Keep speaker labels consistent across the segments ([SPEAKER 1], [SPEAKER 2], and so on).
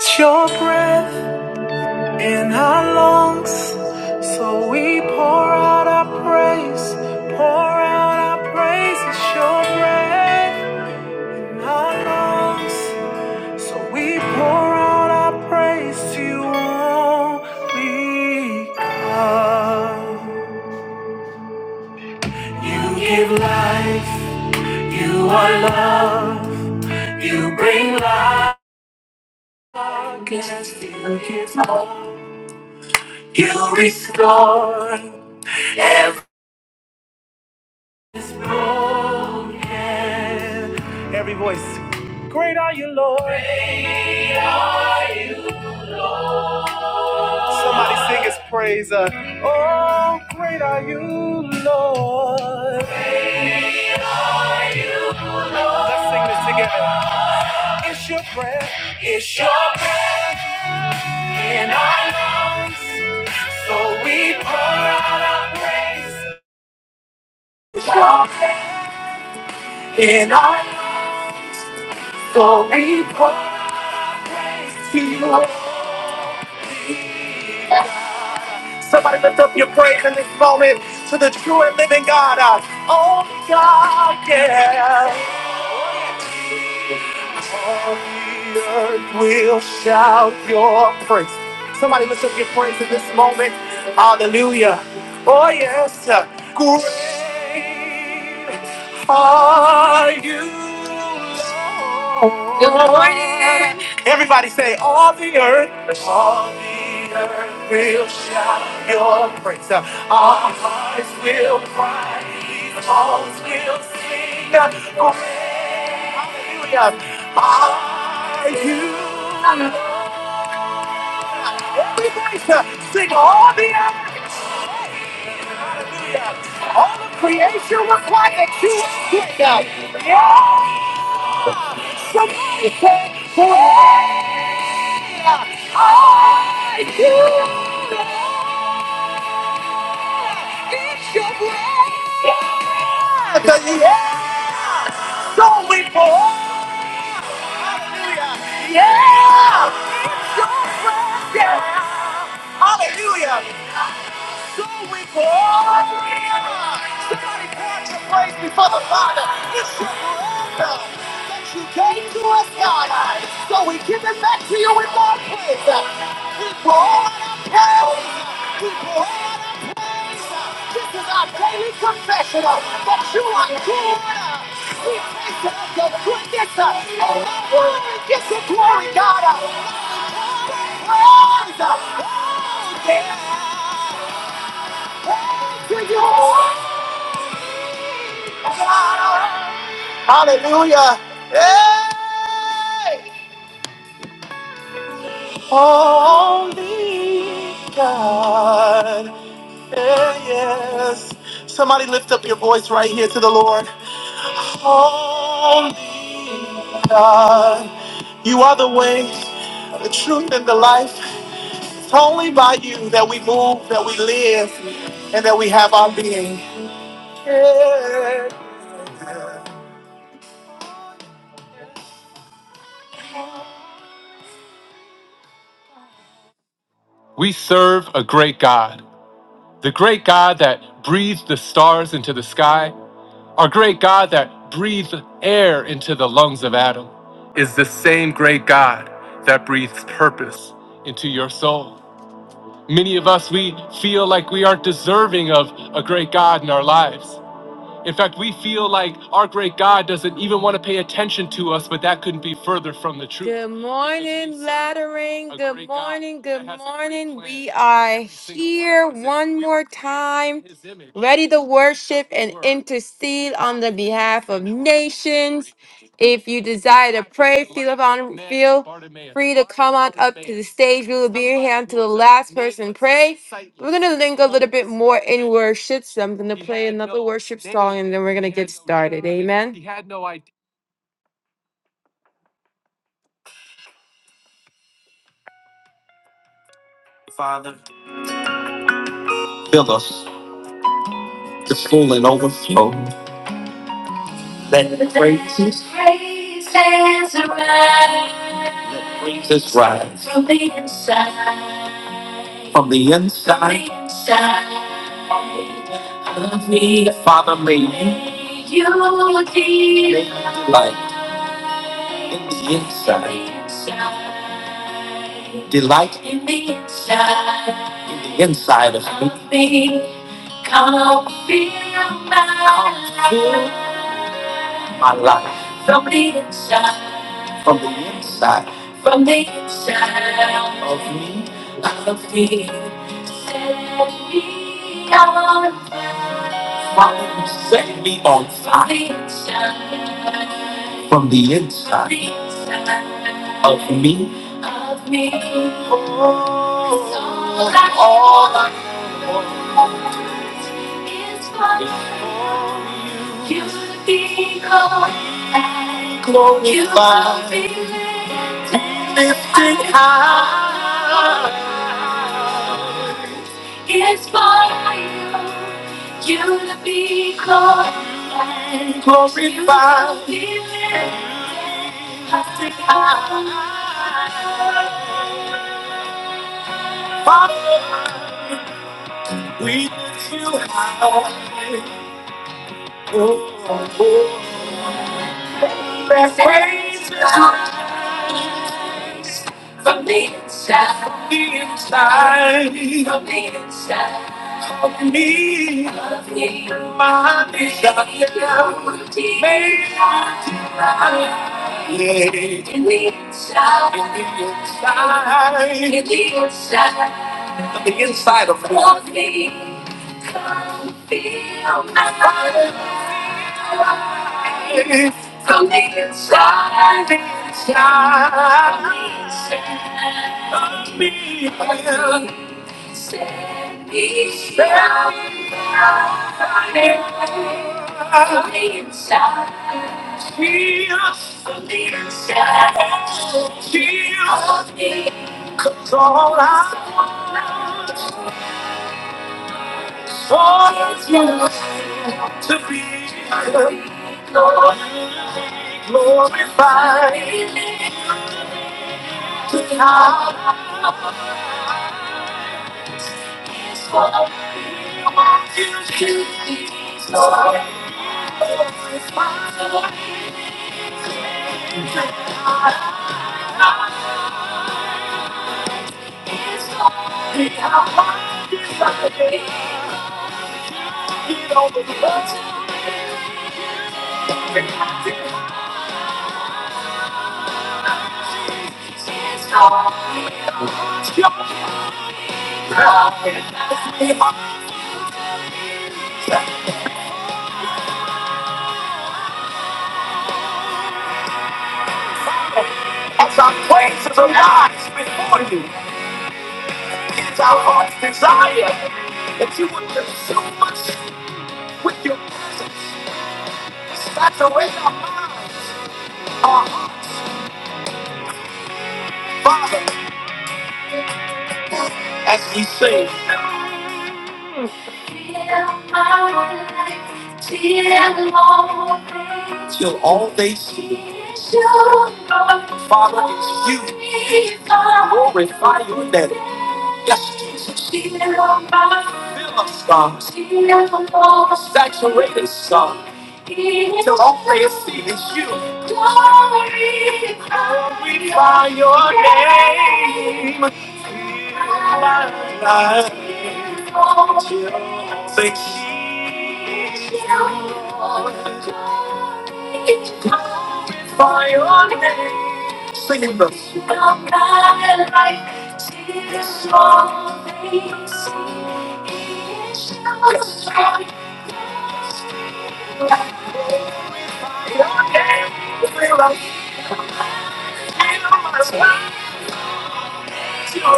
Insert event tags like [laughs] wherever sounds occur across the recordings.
[SPEAKER 1] It's your breath in our lungs, so we pour out our praise, pour out our praise. It's your breath in our lungs, so we pour out our praise to you only God. You give life, you are love, you bring life. Darkest, you give hope. You restore everything. broken. Every voice. Great are you, Lord. Great are you, Lord. Somebody sing his praise. Uh, oh, great are you, Lord. Great are you, Lord. Let's sing this together. It's your breath. It's your breath in our lungs. So we pour out our praise. In our lungs. Glory, praise to you. Somebody lift up your praise in this moment to the true and living God, our only God, yeah. All the earth will shout your praise. Somebody lift up your praise in this moment. Hallelujah. Oh, yes. Great are you, Lord. Everybody say, all the earth. All the earth will shout your praise. Our hearts will cry. These halls will sing. Hallelujah. Are you? Everybody to sing all the earth, all of creation required that you are good, God. Yes, somebody say that. Yes, so we glory. Hallelujah. So we glory. Somebody pour out your praise before the Father. It's your forever that you gave to us, God. So we give it back to you in more praise. We pour out our praise. We pour out our This is our daily confessional that you are good. We thank you for your goodness. Oh, glory, get the glory, God. Praise. Oh, yeah. Praise to you. Hallelujah. Hey. Holy God. Yeah, yes. Somebody lift up your voice right here to the Lord. Only God. You are the way, the truth, and the life. It's only by you that we move, that we live, and that we have our being. Yeah. We serve a great God, the great God that breathed the stars into the sky, our great God that breathed air into the lungs of Adam, is the same great God that breathes purpose into your soul. Many of us, we feel like we aren't deserving of a great God in our lives. In fact, we feel like our great God doesn't even want to pay attention to us, but that couldn't be further from the truth. Good morning, Lattering. Good morning. Good morning. We are here one more time, ready to worship and intercede on the behalf of nations. If you desire to pray, feel, on, feel free to come on up to the stage. We will be here until the last person pray. We're going to link a little bit more in worship, so I'm going to play another worship song and then we're going to get started. Amen. Father, fill us to full and overflow. Let the praises praises arise. Let praises rise from the inside. From the inside. From the inside of me. Father, may you May you delight delight in the inside. Inside. Delight in the inside. In the inside of me. Of me. Come feel my life. My life. From the inside. From the inside. From the inside. Of me. Of me. Set me on fire. Father, Set me on fire. From the inside. From the inside. From the inside. Of me. Of me. Oh. All I it's what you become and glorify. You will be lifted high. It's for you, you to be called and glorified. You will be lifted high. Father, we lift you and praise you. from the inside, from the inside, from the inside of me, of me, my desire, may I delight in the inside, in the inside, in the inside, from the inside of me. Of me. Come feel my heart. From the inside, inside. you Set me free. From the inside. Jesus. From the inside. From the inside. I want you to be so As our praises arise before you, it's our heart's desire that you would consume us with your presence. Saturate our minds, our hearts, Father, as we sing. Till all they see is you, Father, it's you. Glorify your name. Yes, Jesus. Fill us, God. Saturate us, God. Till all they see is you. Glorify your name. Singing this.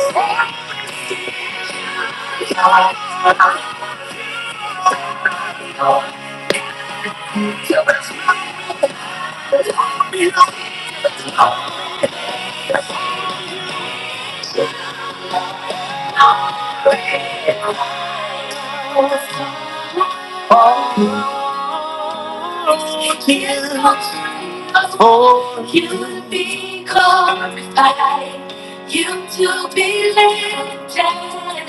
[SPEAKER 1] Yes. Oh, you be glorified, you to be lifted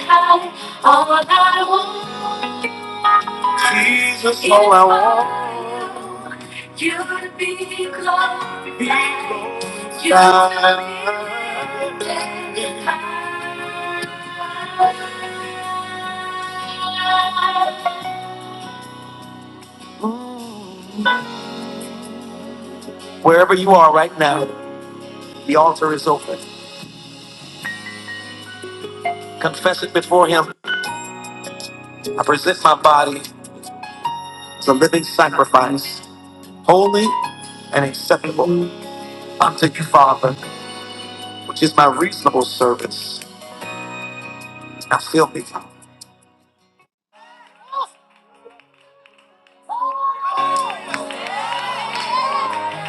[SPEAKER 1] high. All I want, Jesus, is all I want, you to Be glorified. you to be lifted high. Wherever you are right now. The altar is open. Confess it before Him. I present my body as a living sacrifice, holy and acceptable unto you, Father, which is my reasonable service. Now fill me.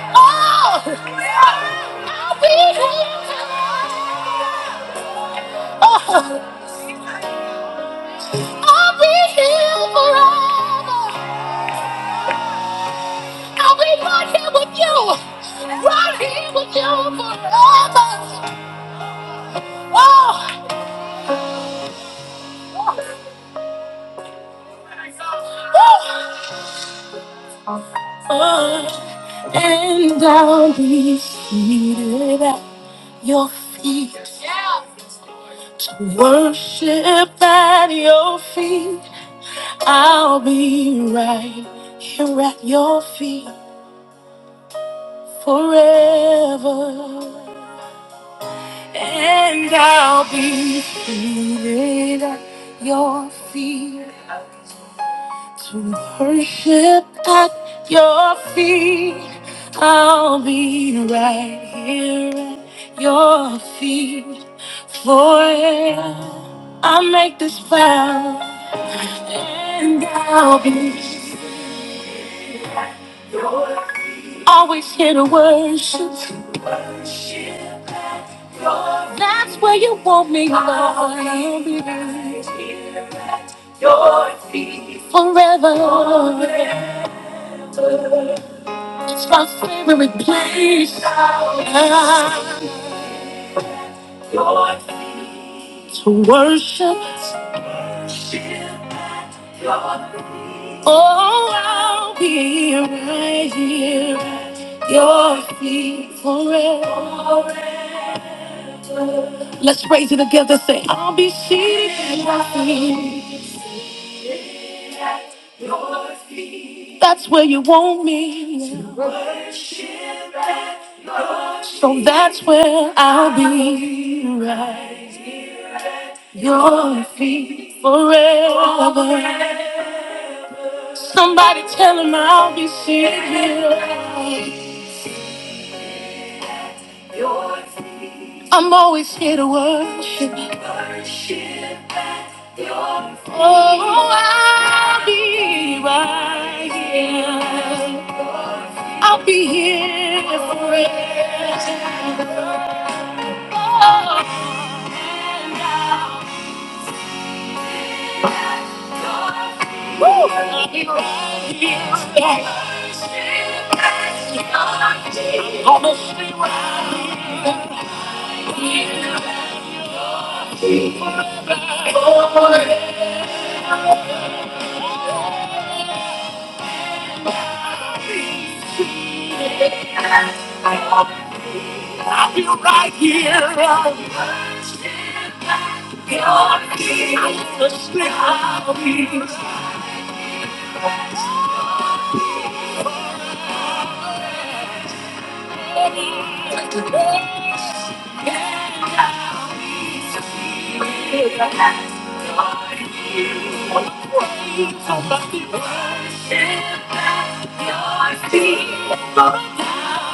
[SPEAKER 1] Oh! I'll be here forever. I'll be here forever. I'll be right here with you. Right here with you forever. Oh! oh. And I'll be seated at your feet. Worship at your feet. I'll be right here at your feet forever. And I'll be seated at your feet. To worship at your feet, I'll be right here at your feet forever. I make this vow, and I'll be always here to worship. That's where you want me, Lord. I'll be right here at your feet forever. It's my favorite place to worship. Oh, I'll be right here at your feet forever. Let's raise it together. Say, I'll be seated at your feet. That's where you want me. So that's where I'll be right. your feet forever. Somebody tell him I'll be sitting here. I'm always here to worship. Oh, I'll be right here. I'll be here forever. Oh, and I'll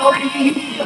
[SPEAKER 1] Your you.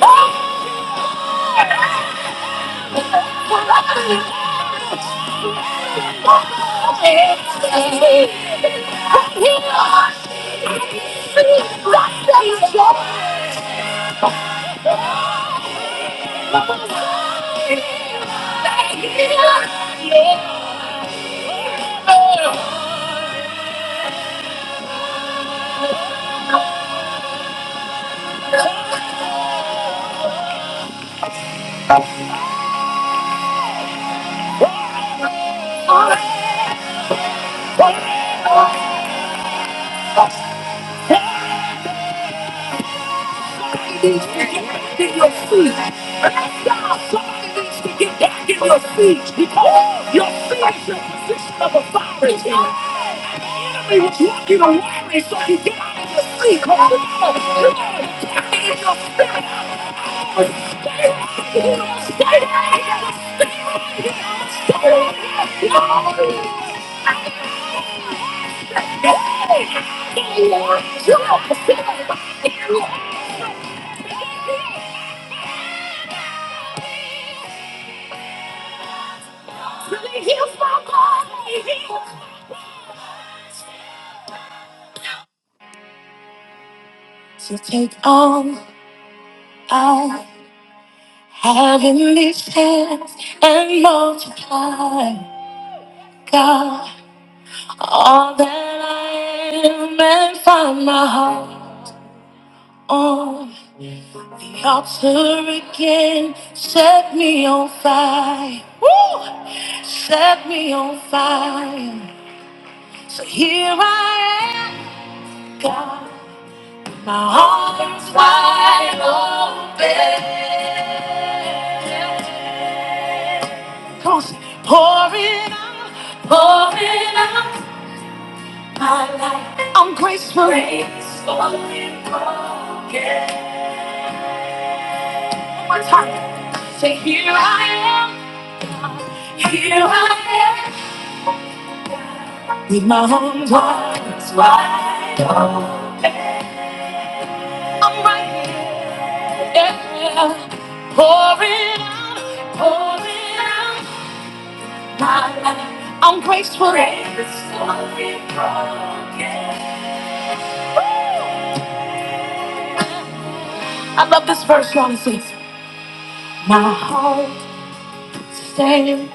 [SPEAKER 1] Thank you. in your feet. And I God, somebody needs to get back in your feet because your feet is your position of authority. And the enemy was walking away, so he get out of your feet. Come on, you gotta attack it in your spirit. Stay right here, stay right here, stay right here, stay right here. No. Stay right here. You're a position of authority. Really heals my body. To take all I have in these hands and multiply, God, all that I am and find my heart on the altar again. Set me on fire. Woo! Set me on fire. So here I am, God. My arms wide open. 'cause pouring out, pouring out my life. I'm graceful, graceful and broken. One time, say here I am, here I am. With my arms wide, wide open. I'm right here, yeah. Pouring out, pouring out. I'm graceful. I love this verse, y'all. It says, My heart stands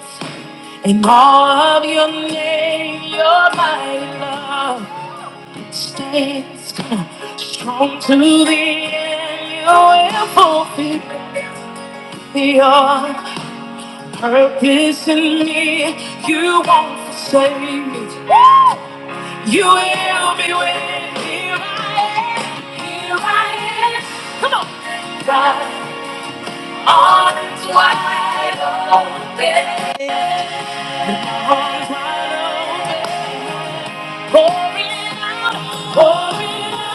[SPEAKER 1] in awe of your name. Your mighty love stands Come on. strong to the end. You will fulfill your purpose in me. You won't forsake me. Woo! You will be with me. Here I am. Here I am. Come on. God, arms wide open. Arms wide open. Pouring out. Pouring out.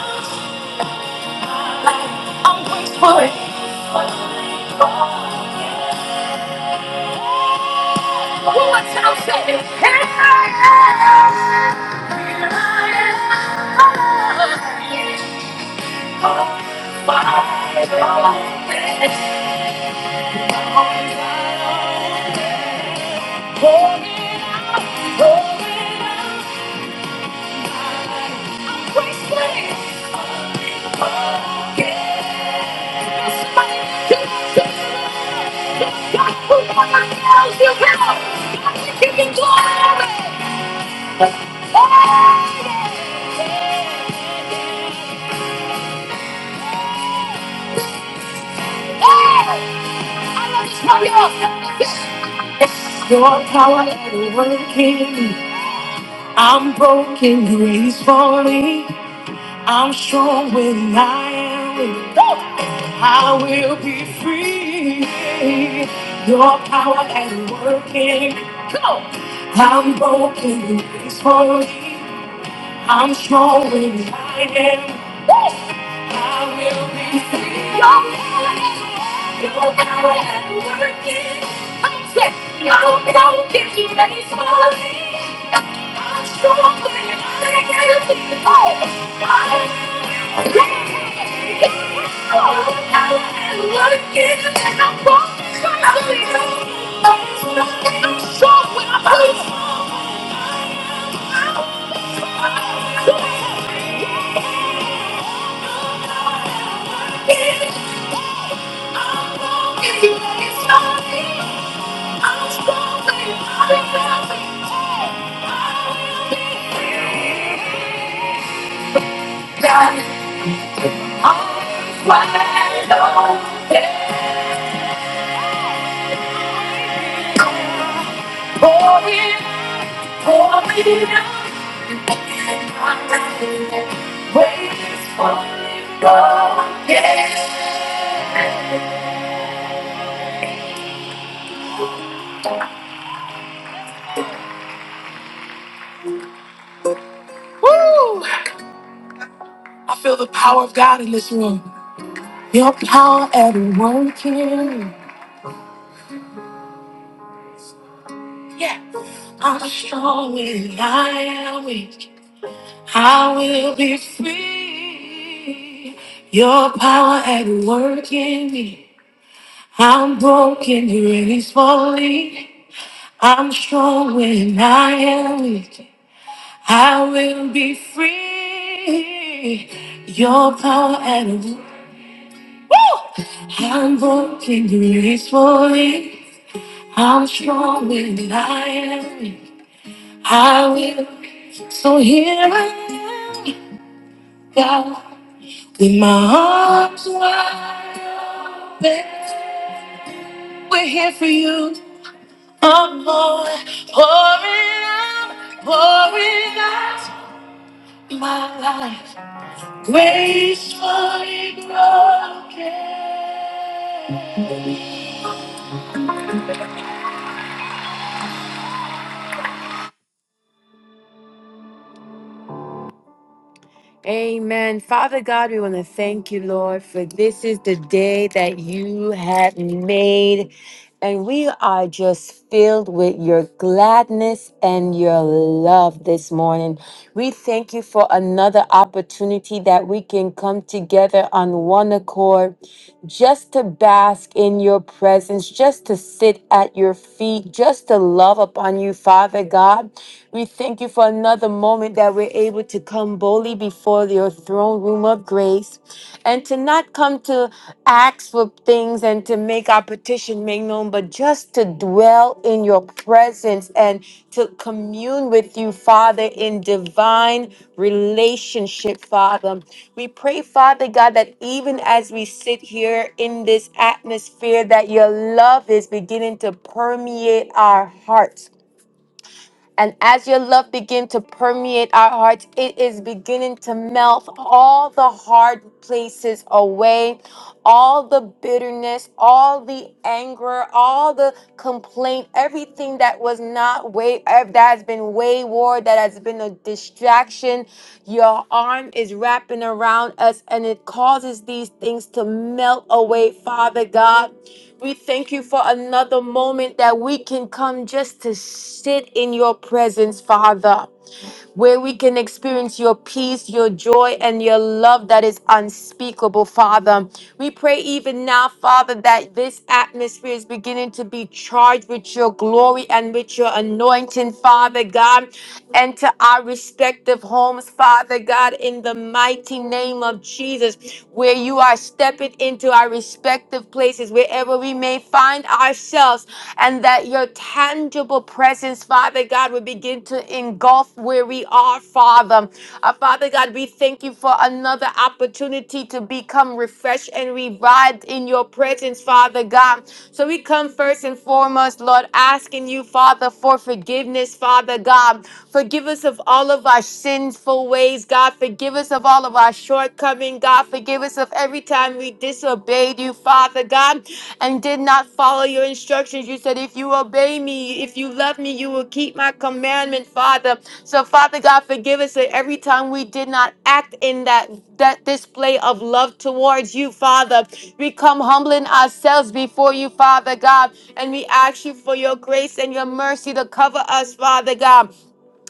[SPEAKER 1] I'm waiting for it. One more time, say it. Here I am. Here I am. Wide open. Pouring, pouring out. Grace, grace. Your power and working, I'm broken, grace falling. I'm strong when I am weak. I will be free. Your power at work in me. I'm broken, and it's holy. I'm showing I am. I will be free. Your power your power at work in. I'm sick. No, no, give you any smiling. I'm showing I am. Oh, I will be free. Your power at work in. And I'm walking. I'm showing I'm showing. I'm showing. Woo! I feel the power of God in this room. Your power at work in me. Yeah. I'm strong when I am weak. I will be free. Your power at work in me. I'm broken, release fully. I'm strong when I am weak. I will be free. Your power at work. I'm broken, release fully. I'm strong when I am weak. I will. So here I am, God. In my arms wide open, we're here for you. I'm pouring, pouring out, pouring out my life. Gracefully broken. Amen. Father God, we want to thank you, Lord, for this is the day that you have made. And we are just filled with your gladness and your love this morning. We thank you for another opportunity that we can come together on one accord just to bask in your presence, just to sit at your feet, just to love upon you, Father God. We thank you for another moment that we're able to come boldly before your throne throne room of grace and to not come to ask for things and to make our petition make known, but just to dwell in your presence and to commune with you, Father, in divine relationship, Father. We pray, Father God, that even as we sit here in this atmosphere, that your love is beginning to permeate our hearts and as your love begin to permeate our hearts, it is beginning to melt all the hard places away, all the bitterness, all the anger, all the complaint, everything that was not way eh, that has been wayward, that has been a distraction. Your arm is wrapping around us and it causes these things to melt away, Father God. We thank you for another moment that we can come just to sit in your presence, Father where we can experience your peace, your joy, and your love that is unspeakable, Father. We pray even now, Father, that this atmosphere is beginning to be charged with your glory and with your anointing, Father God. Enter our respective homes, Father God, in the mighty name of Jesus, where you are stepping into our respective places, wherever we may find ourselves ourselves and that your tangible presence, Father God, would begin to engulf where we are, Father. Uh, Father God, we thank you for another opportunity to become refreshed and revived in your presence, Father God. So we come first and foremost, Lord, asking you, Father, for forgiveness, Father God. Forgive us of all of our sinful ways, God. Forgive us of all of our shortcomings, God. God. Forgive us of every time we disobeyed you, Father God, and did not follow your instructions. You said, if you obey me, if you love me, you will keep my commandment, Father. So, Father God, forgive us of every time we did not act in that, that display of love towards you, Father. We come humbling ourselves before you, Father God, and we ask you for your grace and your mercy to cover us, Father God.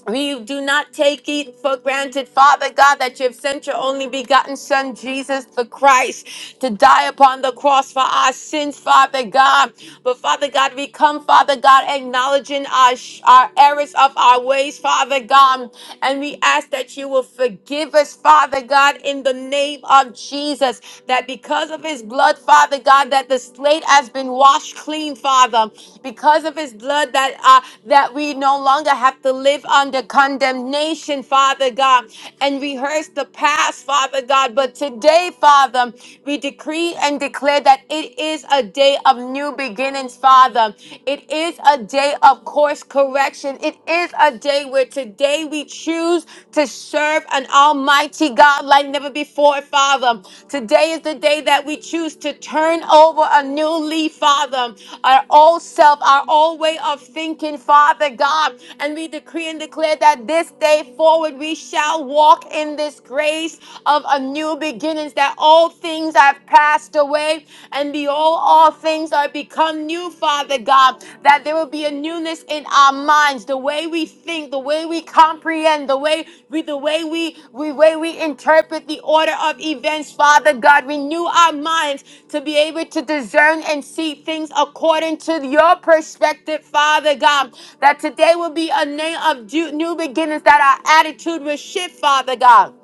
[SPEAKER 1] We do not take it for granted, Father God, that you have sent your only begotten Son, Jesus the Christ, to die upon the cross for our sins, Father God. But Father God, we come, Father God, acknowledging our, sh- our errors of our ways, Father God. And we ask that you will forgive us, Father God, in the name of Jesus, that because of his blood, Father God, that that the slate has been washed clean, Father, because of His blood that uh, that we no longer have to live under condemnation, Father God, and rehearse the past, Father God. But today, Father, we decree and declare that it is a day of new beginnings, Father. It is a day of course correction. It is a day where today we choose to serve an almighty God like never before, Father. Today is the day that we choose to turn over a new leaf, Father, our old self, our old way of thinking, Father God. And we decree and declare that this day forward we shall walk in this grace of a new beginnings, that all things have passed away and behold, all things are become become new, Father God, that there will be a newness in our minds, the way we think, the way we comprehend, the way we the way we we way we interpret the order of events, Father God. Renew our minds to be able to discern and see things according to your perspective, Father God. That today will be a name of du- new beginnings, that our attitude will shift, Father God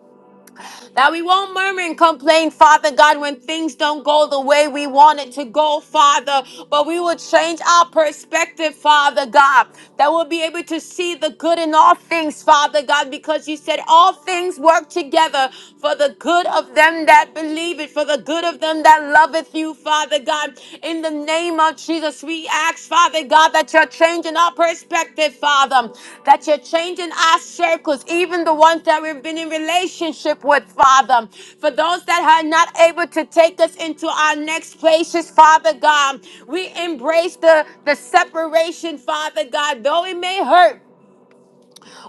[SPEAKER 1] that we won't murmur and complain, Father God, when things don't go the way we want it to go, Father. But we will change our perspective, Father God. That we'll be able to see the good in all things, Father God, because you said all things work together for the good of them that believe it, for the good of them that loveth you, Father God. In the name of Jesus, we ask, Father God, that you're changing our perspective, Father, that you're changing our circles, even the ones that we've been in relationship with, Father. For those that are not able to take us into our next places, Father God, we embrace the, the separation, Father God, though it may hurt.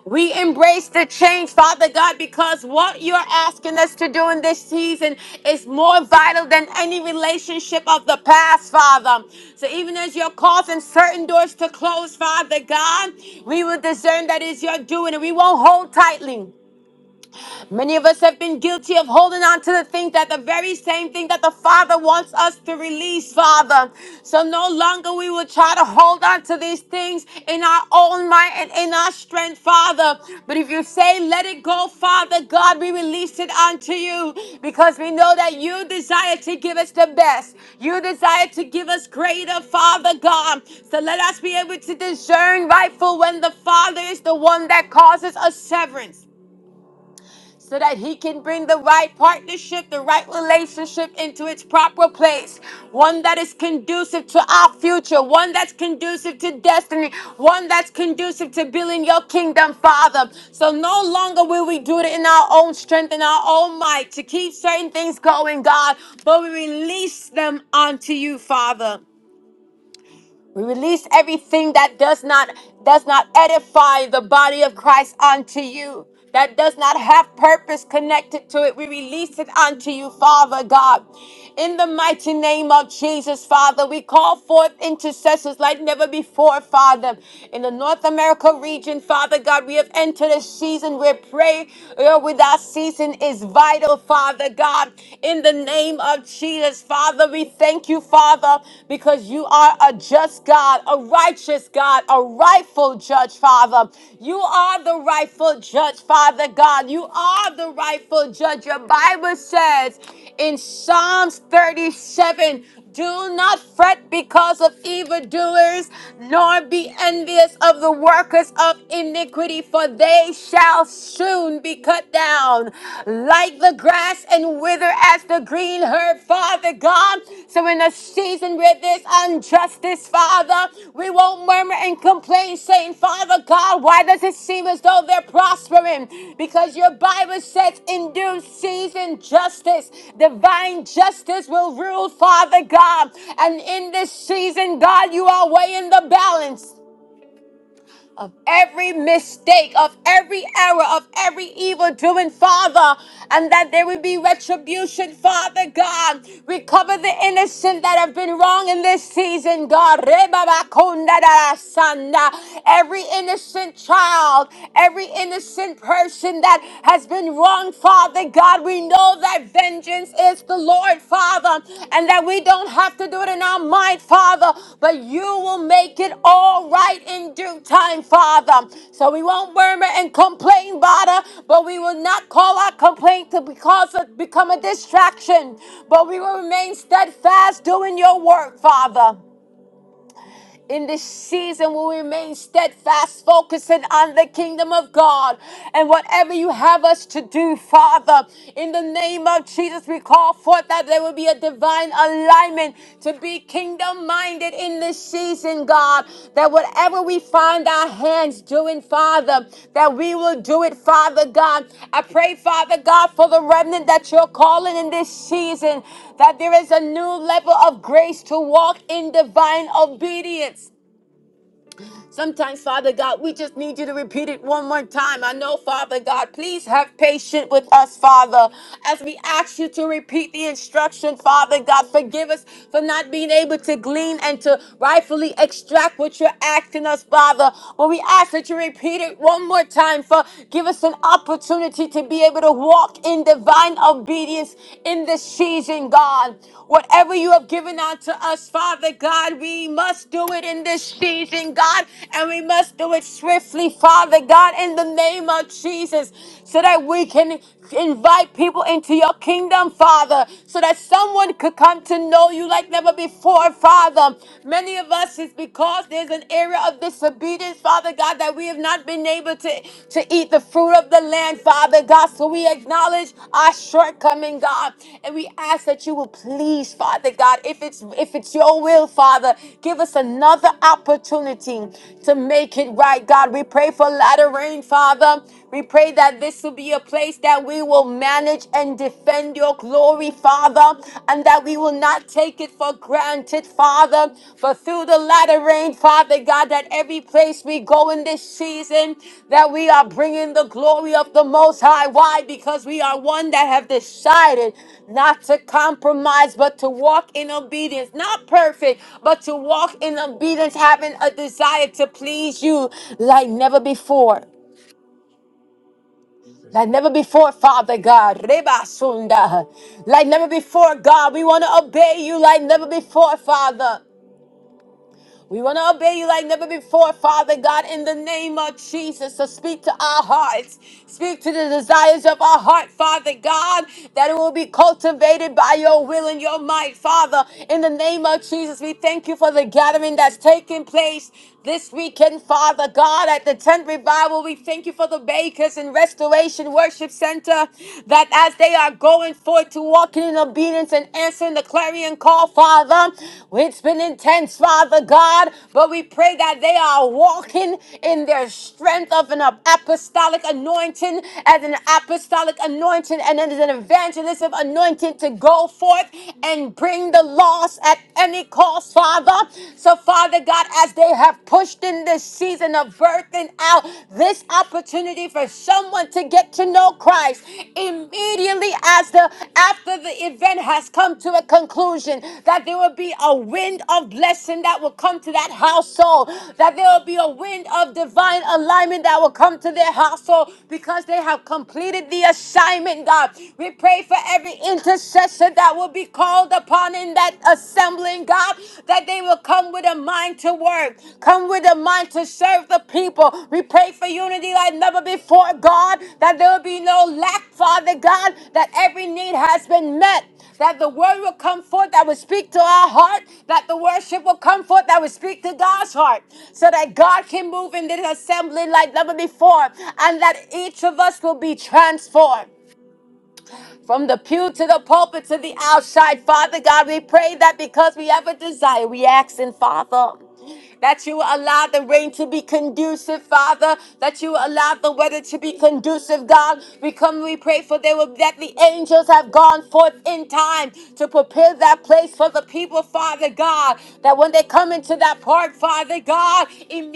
[SPEAKER 1] We embrace the change, Father God, because what you're asking us to do in this season is more vital than any relationship of the past, Father. So even as you're causing certain doors to close, Father God, we will discern that is your doing and we won't hold tightly. Many of us have been guilty of holding on to the thing that the very same thing that the Father wants us to release, Father. So no longer we will try to hold on to these things in our own might and in our strength, Father. But if you say, let it go, Father God, we release it unto you because we know that you desire to give us the best. You desire to give us greater, Father God. So let us be able to discern rightful when the Father is the one that causes us severance so that he can bring the right partnership, the right relationship into its proper place. One that is conducive to our future, one that's conducive to destiny, one that's conducive to building your kingdom, Father. So no longer will we do it in our own strength and our own might to keep certain things going, God, but we release them unto you, Father. We release everything that does not does not edify the body of Christ unto you. That does not have purpose connected to it. We release it unto you, Father God. In the mighty name of Jesus, Father, we call forth intercessors like never before, Father. In the North America region, Father God, we have entered a season where prayer uh, without ceasing is vital, Father God. In the name name of Jesus. Father, we thank you, Father, because you are a just God, a righteous God, a rightful judge, Father. You are the rightful judge, Father God. You are the rightful judge. Your Bible says in Psalms 37 do not fret because of evildoers, nor be envious of the workers of iniquity, for they shall soon be cut down like the grass and wither as the green herb, Father God. So in a season where there's injustice, Father, we won't murmur and complain, saying, Father God, why does it seem as though they're prospering? Because your Bible says, in due season, justice, divine justice will rule, Father God. And in this season, God, you are weighing the balance of every mistake, of every error, of every evil doing, Father, and that there would be retribution, Father God. Recover the innocent that have been wrong in this season, God. Rebabakundarasanda. Every innocent child, every innocent person that has been wrong, Father God we know that vengeance is the Lord, Father, and that we don't have to do it in our mind, Father, but you will make it all right in due time, Father. So we won't murmur and complain, Father, but we will not call our complaint to because of, become a distraction, but we will remain steadfast doing your work, Father in this season will remain steadfast, focusing on the kingdom of God and whatever you have us to do, Father. In the name of Jesus, we call forth that there will be a divine alignment to be kingdom minded in this season, God. That whatever we find our hands doing, Father, that we will do it, Father God. I pray, Father God, for the remnant that you're calling in this season that there is a new level of grace to walk in divine obedience. Sometimes, Father God, we just need you to repeat it one more time. I know, Father God, please have patience with us, Father, as we ask you to repeat the instruction, Father God. Forgive us for not being able to glean and to rightfully extract what you're asking us, Father. But we ask that you repeat it one more time, for give us an opportunity to be able to walk in divine obedience in this this season, God. Whatever you have given unto us, Father God, we must do it in this season, God, and we must do it swiftly, Father God, in the name of Jesus, so that we can invite people into your kingdom, Father, so that someone could come to know you like never before, Father. Many of us is because there's an area of disobedience, Father God that we have not been able to, to eat the fruit of the land, Father God. So we acknowledge our shortcoming, God, and we ask that you will please, Father God, if it's if it's your will, Father, give us another opportunity to make it right, God. We pray for latter rain, Father. We pray that this will be a place that we will manage and defend your glory, Father, and that we will not take it for granted, Father. For through the latter rain, Father God, that every place we go in this season, that we are bringing the glory of the Most High. Why? Because we are one that have decided not to compromise, but to walk in obedience. Not perfect, but to walk in obedience, having a desire to please you like never before. Like never before, Father God. Rebasunda. Like never before, God. We want to obey you like never before, Father. We want to obey you like never before, Father God, in the name of Jesus. So speak to our hearts. Speak to the desires of our heart, Father God, that it will be cultivated by your will and your might, Father. In the name of Jesus, we thank you for the gathering that's taking place this weekend, Father God, at the tent revival. We thank you for the Bakers and Restoration Worship Center that as they are going forth to back to walking in obedience and answering the clarion call, Father. It's been intense, Father God, but we pray that they are walking in their strength of an apostolic anointing, as an apostolic anointing, and as an evangelistic anointing to go forth and bring the lost at any cost, Father. So, Father God, as they have pushed in this season of birthing out, this opportunity for someone to get to know Christ immediately as the after the event has come to a conclusion that there will be a wind of blessing that will come to that household that there will be a wind of divine alignment that will come to their household because they have completed the assignment God we pray for every intercessor that will be called upon in that assembling morning, God, that they will come with a mind to work, come with a mind to serve the people. We pray for unity like never before, God, that there will be no lack, Father God, that every need has been met. That the word will come forth that will speak to our heart, that the worship will come forth that will speak to God's heart, so that God can move in this assembly like never before, and that each of us will be transformed from the pew to the pulpit to the outside. Father God, we pray that because we have a desire, we ask in Father that you allow the rain to be conducive, Father, that you allow the weather to be conducive, God. We come, we pray for they will that the angels have gone forth in time to prepare that place for the people, Father God. That when they come into that park, Father God,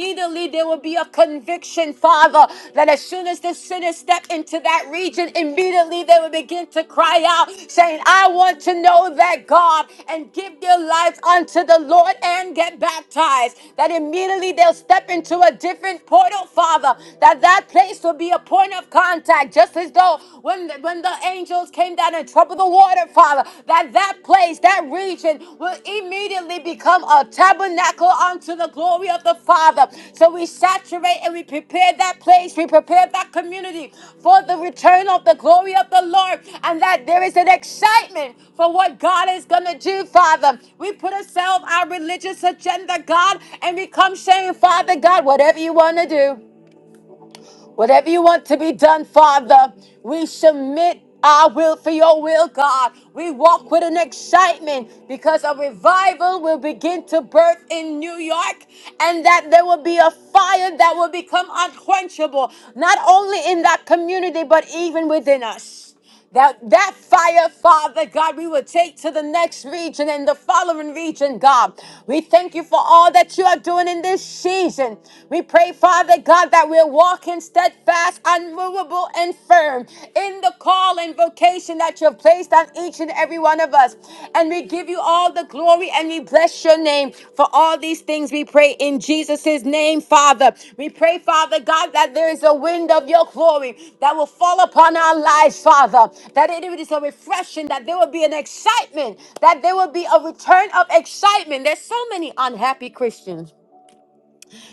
[SPEAKER 1] immediately there will be a conviction, Father, that as soon as the sinner step into that region, immediately they will begin to cry out, saying, I want to know that God and give their lives unto the Lord and get baptized. That immediately they'll step into a different portal, Father, that that place will be a point of contact, just as though when the, when the angels came down and troubled the water, Father. Father, that that place, that region will immediately become a tabernacle unto the glory of the Father. So we saturate and we prepare that place, we prepare that community for the return of the glory of the Lord, and that there is an excitement for what God is going to do, Father. We put aside our religious agenda, God, and we come saying, Father God, whatever you want to do. Whatever you want to be done, Father, we submit our will for your will, God. We walk with an excitement because a revival will begin to birth in New York and that there will be a fire that will become unquenchable, not only in that community, but even within us. That that fire, Father God, we will take to the next region and the following region, God. We thank you for all that you are doing in this season. We pray, Father God, that we're walking steadfast, unmovable, and firm in the call and vocation that you have placed on each and every one of us. And we give give you all the glory and we bless your name. For all these things we pray in Jesus' name, Father. We pray, Father God, that there is a wind of your glory that will fall upon our lives, Father. That it is a refreshing, that there will be an excitement, that there will be a return of excitement. There's so many unhappy Christians.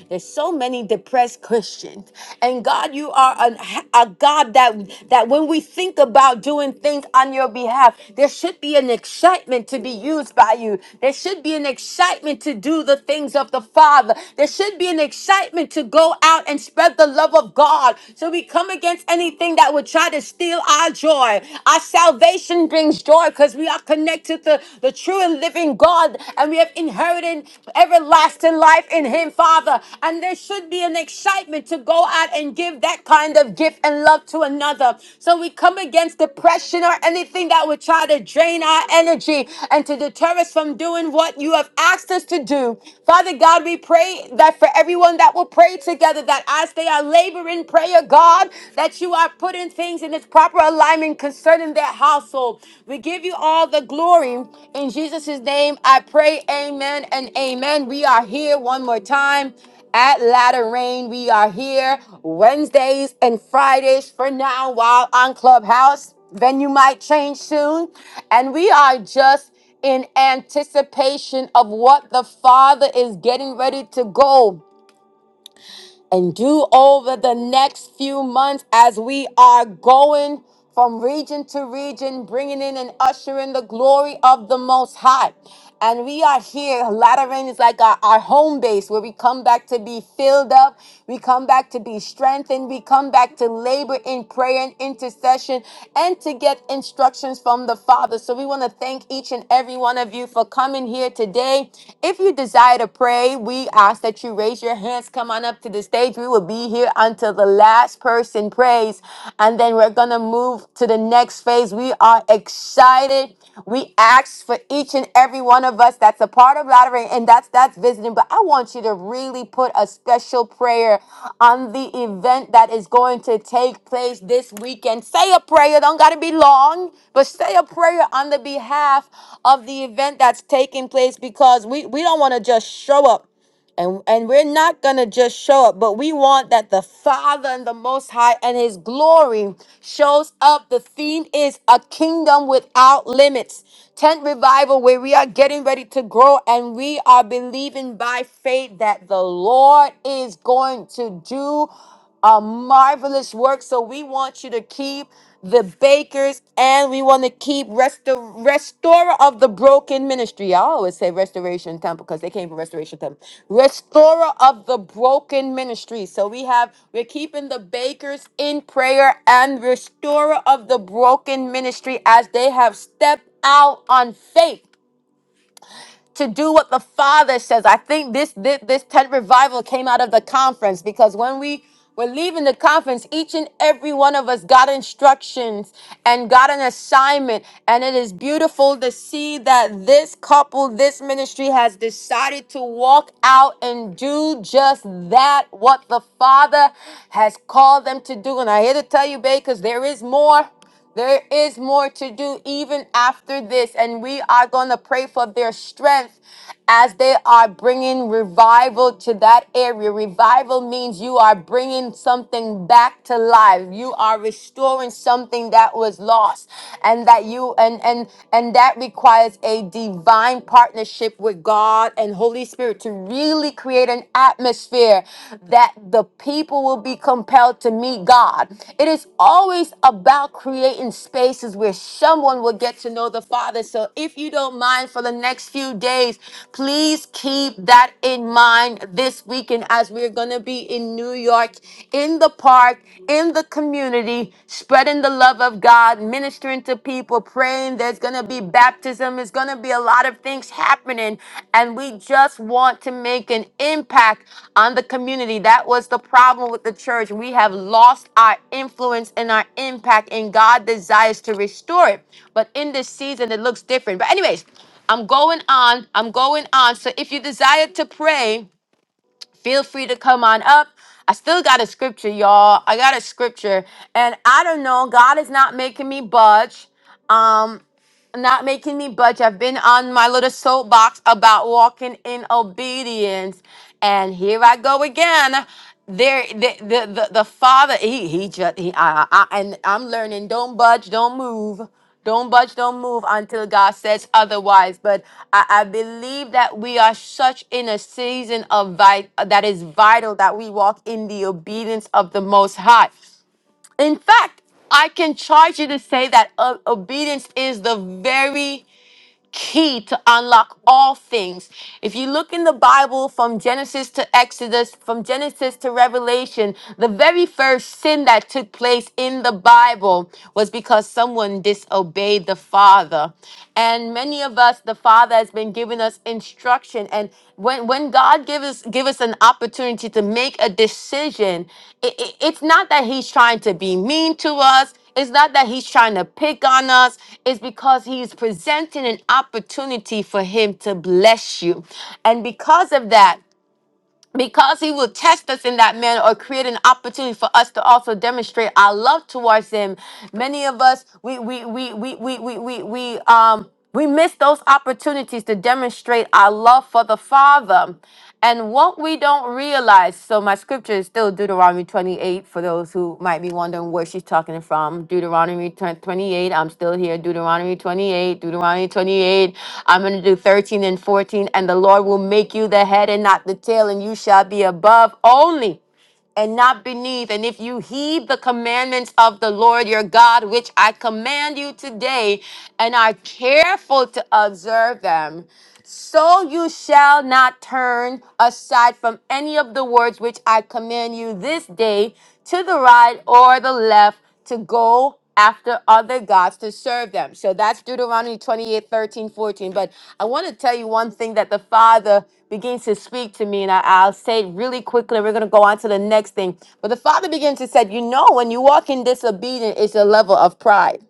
[SPEAKER 1] There's so many depressed Christians. And God, you are a a, God that, that when we think about doing things on your behalf, there should be an excitement to be used by you. There should be an excitement to do the things of the Father. There should be an excitement to go out and spread the love of God. So we come against anything that would try to steal our joy. Our salvation brings joy because we are connected to the, the true and living God, and we have inherited everlasting life in Him, Father. And there should be an excitement to go out and give that kind of gift and love to another. So we come against depression or anything that would try to drain our energy and to deter us from doing what you have asked us to do. Father God, we pray that for everyone that will pray together, that as they are laboring prayer, God, that you are putting things in its proper alignment concerning their household. We give you all the glory. In Jesus' name, I pray, amen and amen. We are here one more time at Ladder Rain. We are here Wednesdays and Fridays for now while on Clubhouse. Venue might change soon. And we are just in anticipation of what the Father is getting ready to go and do over the next few months as we are going from region to region, bringing in and ushering the glory of the Most High. And we are here. Latter rain is like our, our home base where we come back to be filled up. We come back to be strengthened. We come back to labor in prayer and intercession and to get instructions from the Father. So we want to thank each and every one of you for coming here today. If you desire to pray, we ask that you raise your your hands, come on up to the stage. We will be here until the last person prays. And then we're going to move to the next phase. We are excited. We ask for each and every one of us that's a part of Lottery, and that's that's visiting. But I want you to really put a special prayer on the event that is going to take place this weekend. Say a prayer. Don't got to be long, but say a prayer on the behalf of the event that's taking place because we, we don't want to just show up. And, and we're not going to just show up, but we want that the Father and the Most High and His glory shows up. The theme is a kingdom without limits. Tent revival, where we are getting ready to grow and we are believing by faith that the Lord is going to do a marvelous work. So we want you to keep the bakers and we want to keep restor- restorer of the broken ministry. I always say restoration temple because they came from restoration temple. Restorer of the broken ministry. So we have we're keeping the bakers in prayer and restorer of the broken ministry as they have stepped out on faith to do what the Father says. I think this this, this tent revival came out of the conference because when we were leaving the conference, each and every one of us got instructions and got an assignment. And it is beautiful to see that this couple, this ministry has decided to walk out and do just that, what the Father has called them to do. And I here to tell you, babe, because there is more. There is more to do even after this, and we are going to pray for their strength as they are bringing revival to that area. Revival means you are bringing something back to life. You are restoring something that was lost, and that you and and and that requires a divine partnership with God and Holy Spirit to really really create an atmosphere that the people will be compelled to meet God. It is always about creating spaces where someone will get to know the Father. So if you don't mind for the next few days, please keep that in mind this weekend as we're going to be in New York, in the park, in the community, spreading the love of God. God, ministering to people, praying. There's going to be baptism. There's going to be a lot of things happening. And we just want to make an impact on the community. That was the problem with the church. We have lost our influence and our impact, and God desires to restore it. But in this season, it looks different. But, anyways, I'm going on. I'm going on. So if you desire to pray, feel free to come on up. I still got a scripture, y'all. I got a scripture, and I don't know. God is not making me budge. Um, not making me budge. I've been on my little soapbox about walking in obedience. And here I go again. There, the the the, the father, he he just he I, I I- and I'm learning. Don't budge, don't move. Don't budge, don't move until God says otherwise. But I, I believe that we are such in a season of vi- that is vital that we walk in the obedience of the Most High. In fact, I can charge you to say that uh, obedience is the very key to unlock all things. If you look in the Bible from Genesis to Exodus, from Genesis to Revelation, the very first sin that took place in the Bible was because someone disobeyed the Father. And many of us, the Father has been giving us instruction. And when, when God gives us give us an opportunity to make a decision, i- i- it's not that He's trying to be mean to us. It's not that he's trying to pick on us. It's because he's presenting an opportunity for him to bless you. And because of that, because he will test us in that manner or create an opportunity for us to also demonstrate our love towards him. Many of us, we we we we we we we, we um we miss those opportunities to demonstrate our love for the Father. And what we don't realize guys, so my scripture is still Deuteronomy 28 for those who might be wondering where she's talking from. Deuteronomy 10 28, I'm still here. Deuteronomy 28, Deuteronomy 28. I'm going to do 13 and 14. And the Lord will make you the head and not the tail, and you shall be above only and not beneath. And if you heed the commandments of the Lord your God, which I command you today, and are careful to observe them, so you shall not turn aside from any of the words which I command you this day to the right or the left to go after other gods to serve them. So that's Deuteronomy 28 13 14. But I want to tell you one thing that the Father begins to speak to me, and I, I'll say it really quickly. We're going to go on to the next thing. But the Father begins to say, You know, when you walk in disobedience, it's a level of pride.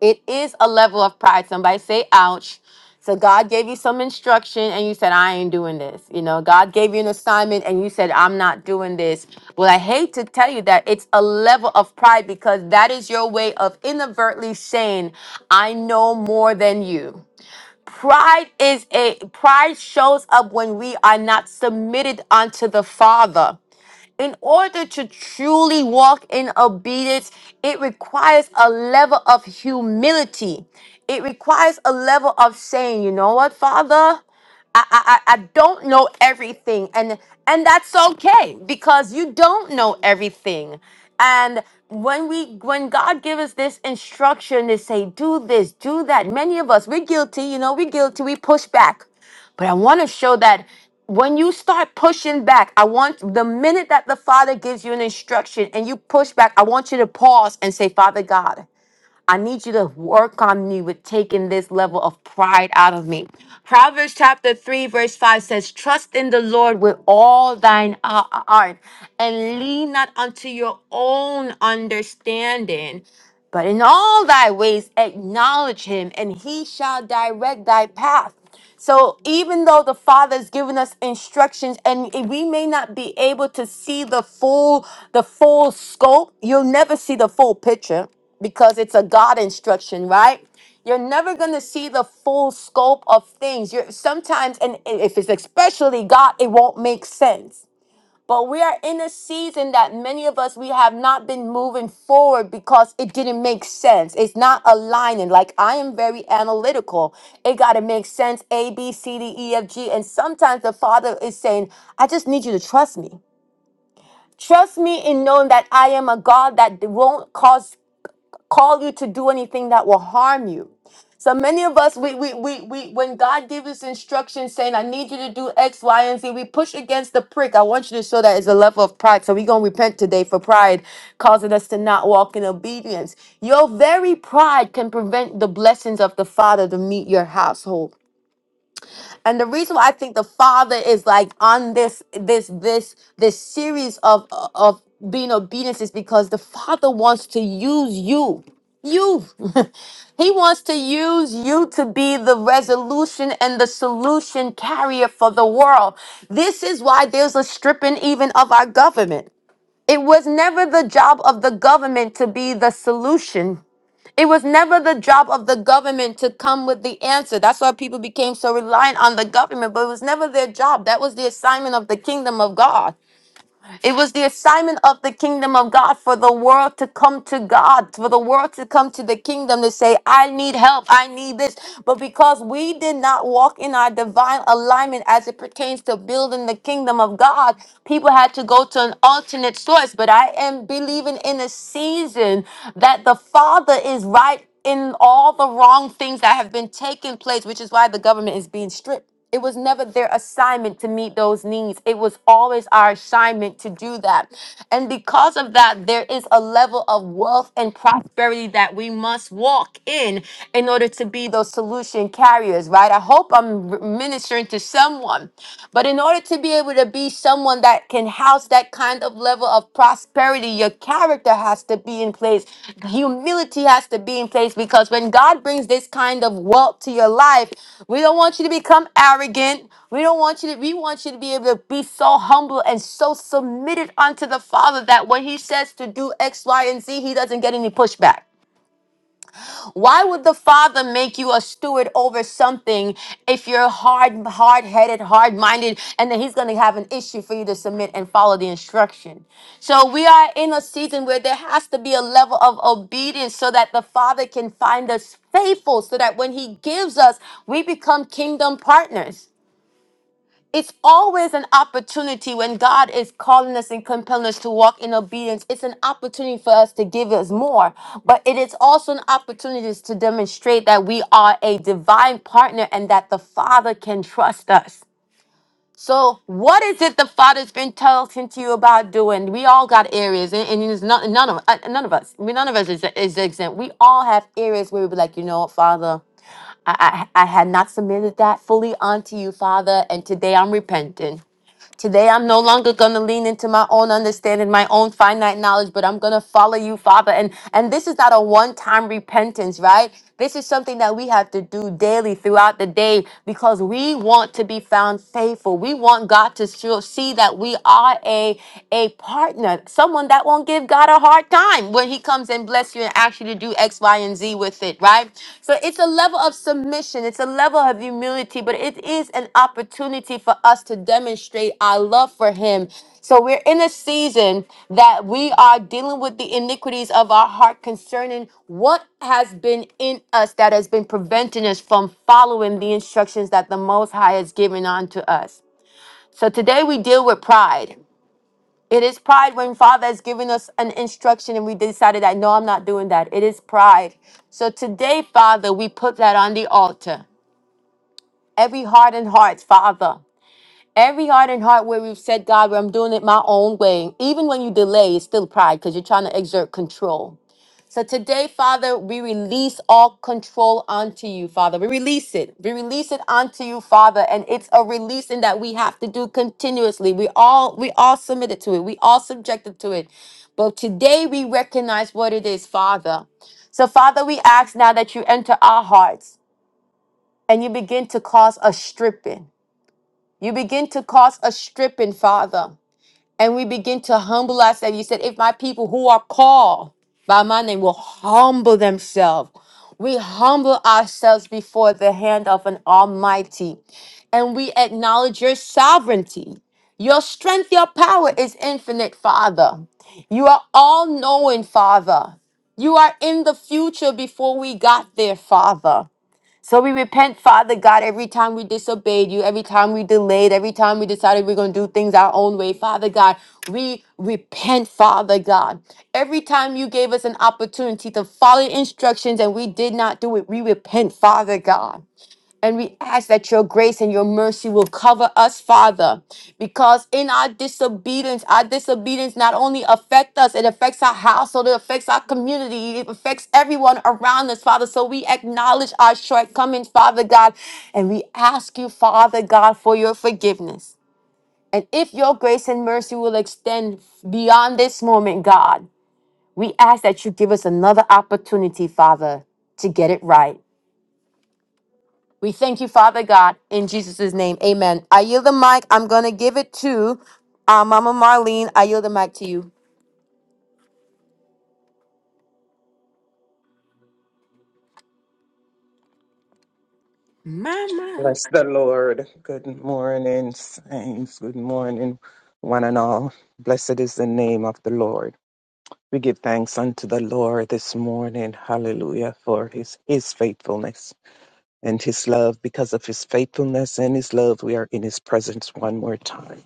[SPEAKER 1] It is a level of pride. Somebody say, ouch. So God gave you some instruction and you said, I ain't doing this. You know, God gave you an assignment and you said, I'm not doing this. Well, I hate to tell you that it's a level of pride because that is your way of inadvertently saying, I know more than you. Pride is a pride shows up when we are not submitted unto the Father. In order to truly walk in obedience, it requires a level of humility. It requires a level of saying, you know what, Father? I, I, I I don't know everything and and that's okay because you don't know everything and when we when god gives us this instruction to say do this do that many of us we're guilty you know we're guilty we push back but i want to show that when you start pushing back i want the minute that the father gives you an instruction and you push back i want you to pause and say father god I need you to work on me with taking this level of pride out of me. Proverbs chapter 3, verse 5 says, Trust in the Lord with all thine uh, heart and lean not unto your own understanding. But in all thy ways acknowledge him, and he shall direct thy path. So even though the Father is giving us instructions and we may not be able to see the full the full scope, you'll never see the full picture because it's a God instruction, right? You're never going to see the full scope of things. You're sometimes and if it's especially God, it won't make sense. But we are in a season that many of us we have not been moving forward because it didn't make sense. It's not aligning. Like I am very analytical. It got to make sense A B C D E F G and sometimes the father is saying, "I just need you to trust me." Trust me in knowing that I am a God that won't cause call you to do anything that will harm you. So many of us, we, we, we, we, when God gives us instructions saying, I need you to do X, Y, and Z, we push against the prick. I want you to show that it's a level of pride. So we're going to repent today for pride causing us to not walk in obedience. Your very pride can prevent the blessings of the Father to meet your household. And the reason why I think the father is like on this this this this series of of being obedience is because the father wants to use you. You. [laughs] he wants to use you to be the resolution and the solution carrier for the world. This is why there's a stripping even of our government. It was never the job of the government to be the solution it was never the job of the government to come with the answer. That's why people became so reliant on the government, but it was never their job. That was the assignment of the kingdom of God. It was the assignment of the kingdom of God for the world to come to God, for the world to come to the kingdom to say, I need help, I need this. But because we did not walk in our divine alignment as it pertains to building the kingdom of God, people had to go to an alternate source. But I am believing in a season that the Father is right in all the wrong things that have been taking place, which is why the government is being stripped. It was never their assignment to meet those needs. It was always our assignment to do that. And because of that, there is a level of wealth and prosperity that we must walk in in order to be those solution carriers, right? I hope I'm ministering to someone. But in order to be able to be someone that can house that that kind of level of prosperity, your character has to be in place. Humility has to be in place because when God brings this kind of wealth to your life, we don't want you to become arrogant. We don't want you to, we want you to be able to be so humble and so submitted unto the Father that when He says to do X, Y, and Z, He doesn't get any pushback. Why would the Father make you a steward over something if you're hard, hard headed, hard minded, and then He's going to have an issue for you to submit and follow the instruction? So we are in a season where there has to be a level of obedience so that the Father can find us faithful, so that when He gives us, we become kingdom partners it's always an opportunity when God is calling us and compelling us to walk in obedience. It's an opportunity for us to give us more, but it is also an opportunity to demonstrate that we are a divine partner and that the Father can trust us. So, what is it the Father's been talking to you about doing? We all got areas, and, and it's not, none of uh, none of us. We none of us is, is exempt. We all have areas where we be like, you know what, Father, I, I I had not submitted that fully unto you, Father, and today I'm repenting. Today, I'm no longer going to lean into my own understanding, my own finite knowledge, but I'm going to follow you, Father. And, and this is not a one time repentance, right? This is something that we have to do daily throughout the day because we want to be found faithful. We want God to show- see that we are a, a partner, someone that won't give God a hard time when He comes and bless you and asks you to do X, Y, and Z with it, right? So it's a level of submission, it's a level of humility, but it is an opportunity for us to demonstrate our love for Him. So we're in a season that we are dealing with the iniquities of our heart concerning what has been in us that has been preventing us from following the instructions that the Most High has given unto us. So today we deal with pride it is pride when Father has given us an instruction and we decided that, no, I'm not doing that. It is pride. So today, Father, we put that on the altar. Every heart and heart, Father. Every heart and heart where we've said, God, where I'm doing it my own way. Even when you delay, it's still pride because you're trying to exert control. So today, Father, we release all control onto you, Father. We release it. We release it onto you, Father. And it's a releasing that we have to do continuously. We all we all submitted to it. We all subjected to it. But today we recognize what it is, Father. So, Father, we ask now that you enter our hearts and you begin to cause a stripping. You begin to cause a stripping, Father and we begin to humble ourselves. You said, if my people who are called by my name will humble themselves, we humble ourselves before the hand of an Almighty and we acknowledge your sovereignty. Your strength, your power is infinite, Father. You are all knowing, Father. You are in the future before we got there, Father. So we repent, Father God, every time we disobeyed you, every time we delayed, every time we decided we're going to do things our own way. Father God, we repent, Father God. Every time you gave us an opportunity to follow instructions and we did not do it, we repent, Father God. And we ask that your grace and your mercy will cover us, Father, because in our disobedience, our disobedience not only affects us, it affects our household, it affects our community, it affects everyone around us, Father. So we acknowledge our shortcomings, Father God, and we ask you, Father God, for your forgiveness. And if your grace and mercy will extend beyond this moment, God, we ask that you give us another opportunity, Father, to get it right. We thank you, Father God, in Jesus' name. Amen. I yield the mic. I'm going to give it to uh, Mama Marlene. I yield the mic to you. Mama.
[SPEAKER 2] Bless the Lord. Good morning, saints. Good morning, one and all. Blessed is the name of the Lord. We give thanks unto the Lord this morning. Hallelujah for his, his faithfulness and his love. Because of his faithfulness and his love, we are in his presence one more time.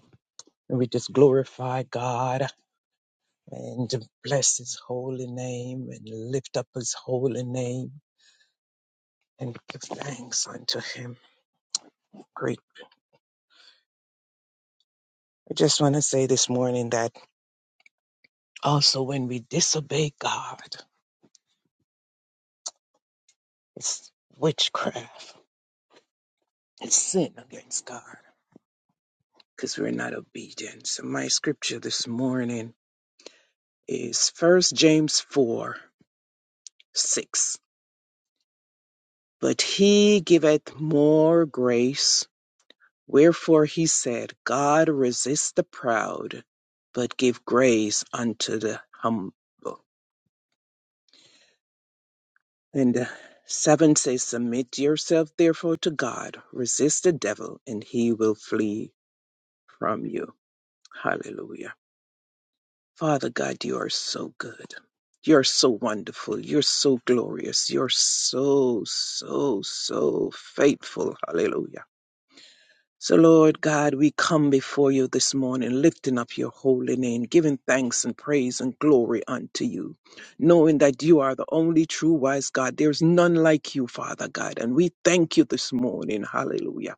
[SPEAKER 2] And we just glorify God and bless his holy name and lift up his holy name and give thanks unto him. Great. I just want to say this morning that Also, when we disobey God, it's witchcraft, it's sin against God because we're not obedient. So, my scripture this morning is First James 4 6. But he giveth more grace, wherefore he said, God resist the proud, but give grace unto the humble. And uh, 7 says, Submit yourself therefore to God, resist the devil, and he will flee from you. Hallelujah. Father God, you are so good. You're so wonderful. You're so glorious. You're so, so, so faithful. Hallelujah. So, Lord God, we come before you this morning, lifting up your holy name, giving thanks and praise and glory unto you, knowing that you are the only true wise God. There's none like you, Father God. And we thank you this morning. Hallelujah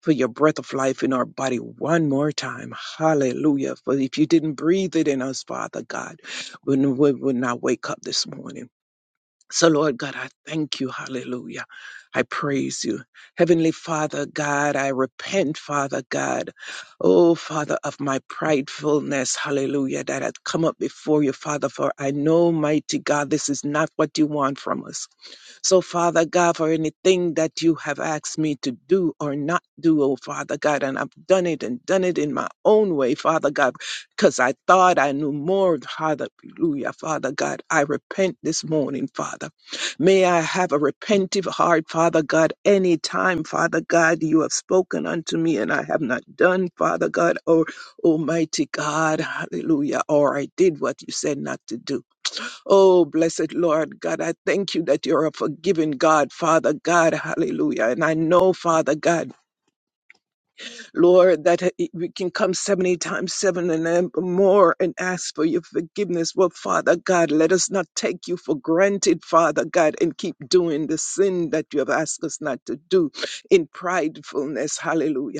[SPEAKER 2] for your breath of life in our body one more time. Hallelujah. For if you didn't breathe it in us, Father God, we we would not wake up this morning. So, Lord God, I thank you. Hallelujah. I praise you. Heavenly Father God, I repent, Father God. Oh, Father, of my pridefulness. Hallelujah. That I've come up before you, Father, for I know, mighty God, this is not what you want from us. So, Father God, for anything that you have asked me to do or not do, oh Father God, and I've done it and done it in my own way, Father God, because I thought I knew more. Hallelujah, Father God. I repent this morning, Father. May I have a repentive heart, Father God, any time, Father God, you have spoken unto me and I have not done, Father God, or Almighty God, hallelujah, or I did what you said not to do. Oh, blessed Lord God, I thank you that you're a forgiving God, Father God, hallelujah. And I know, Father God, Lord, that it- we can come 70 times seven and then more and ask for your forgiveness. Well, Father God, let us not take you for granted, Father God, and keep doing the sin that you have asked us not to do in pridefulness, hallelujah.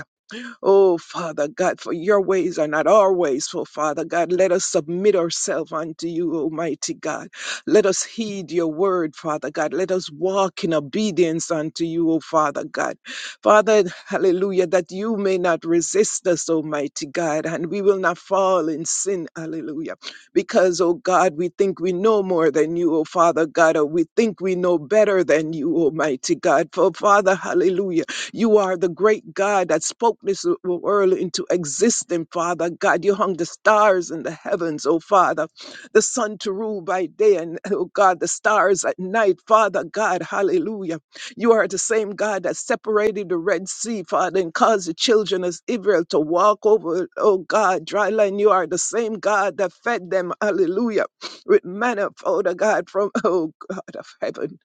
[SPEAKER 2] Oh, Father God, for your ways are not our ways. So, Father God, let us submit ourselves unto you, Almighty God. Let us heed your word, Father God. Let us walk in obedience unto you, O Father God. Father, hallelujah, that you may not resist us, Almighty God, and we will not fall in sin, hallelujah. Because, oh God, we think we know more than you, O Father God, or we think we know better than you, Almighty God. For, Father, hallelujah. You are the great God that spoke this uh, w- world into existence, Father God. You hung the stars in the heavens, oh Father, the sun to rule by day, and [laughs] oh God, the stars at night, Father God, hallelujah. You are the same God that separated the Red Sea, Father, and caused the children of Israel to walk over, oh God, dry land. You are the same God that fed them, hallelujah, with manna, Father God, from, [laughs] oh God of heaven.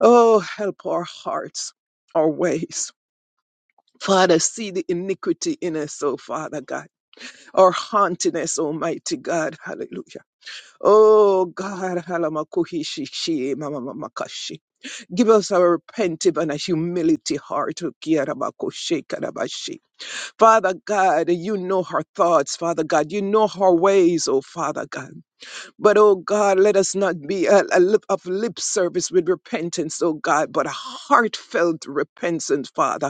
[SPEAKER 2] Oh, help our hearts, our ways. Father, see the iniquity in us, oh Father God, or haunting us, Almighty God, hallelujah. Oh God, halamakuhishishi, mamamamakashi. give us a repentive and a humility heart. oh kiarabakushe, karabashi. Father God, you know her thoughts, Father God, you know her ways, oh Father God. But oh God, let us not be a, a lip of lip service with repentance, oh God, but a heartfelt repentance, Father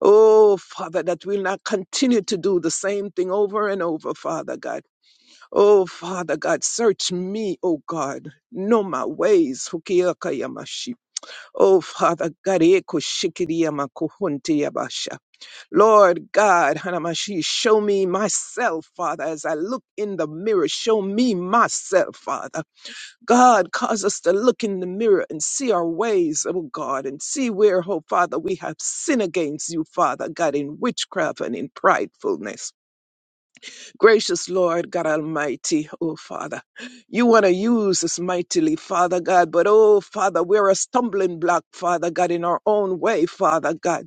[SPEAKER 2] Oh, Father, that we'll not continue to do the same thing over and over, Father God. Oh, Father God, search me, oh God. Know my ways. Hukiakayamashi. Oh, Father God, Ekushikiriyamakuhuntiyabasha. Lord God, Hanamashi, show me myself, Father, as I look in the mirror. Show me myself, Father. God, cause us to look in the mirror and see our ways, oh God, and see where, oh Father, we have sinned against you, Father, God, in witchcraft and in pridefulness. Gracious Lord, God Almighty, oh Father, you want to use us mightily, Father God, but oh Father, we're a stumbling block, Father God, in our own way, Father God.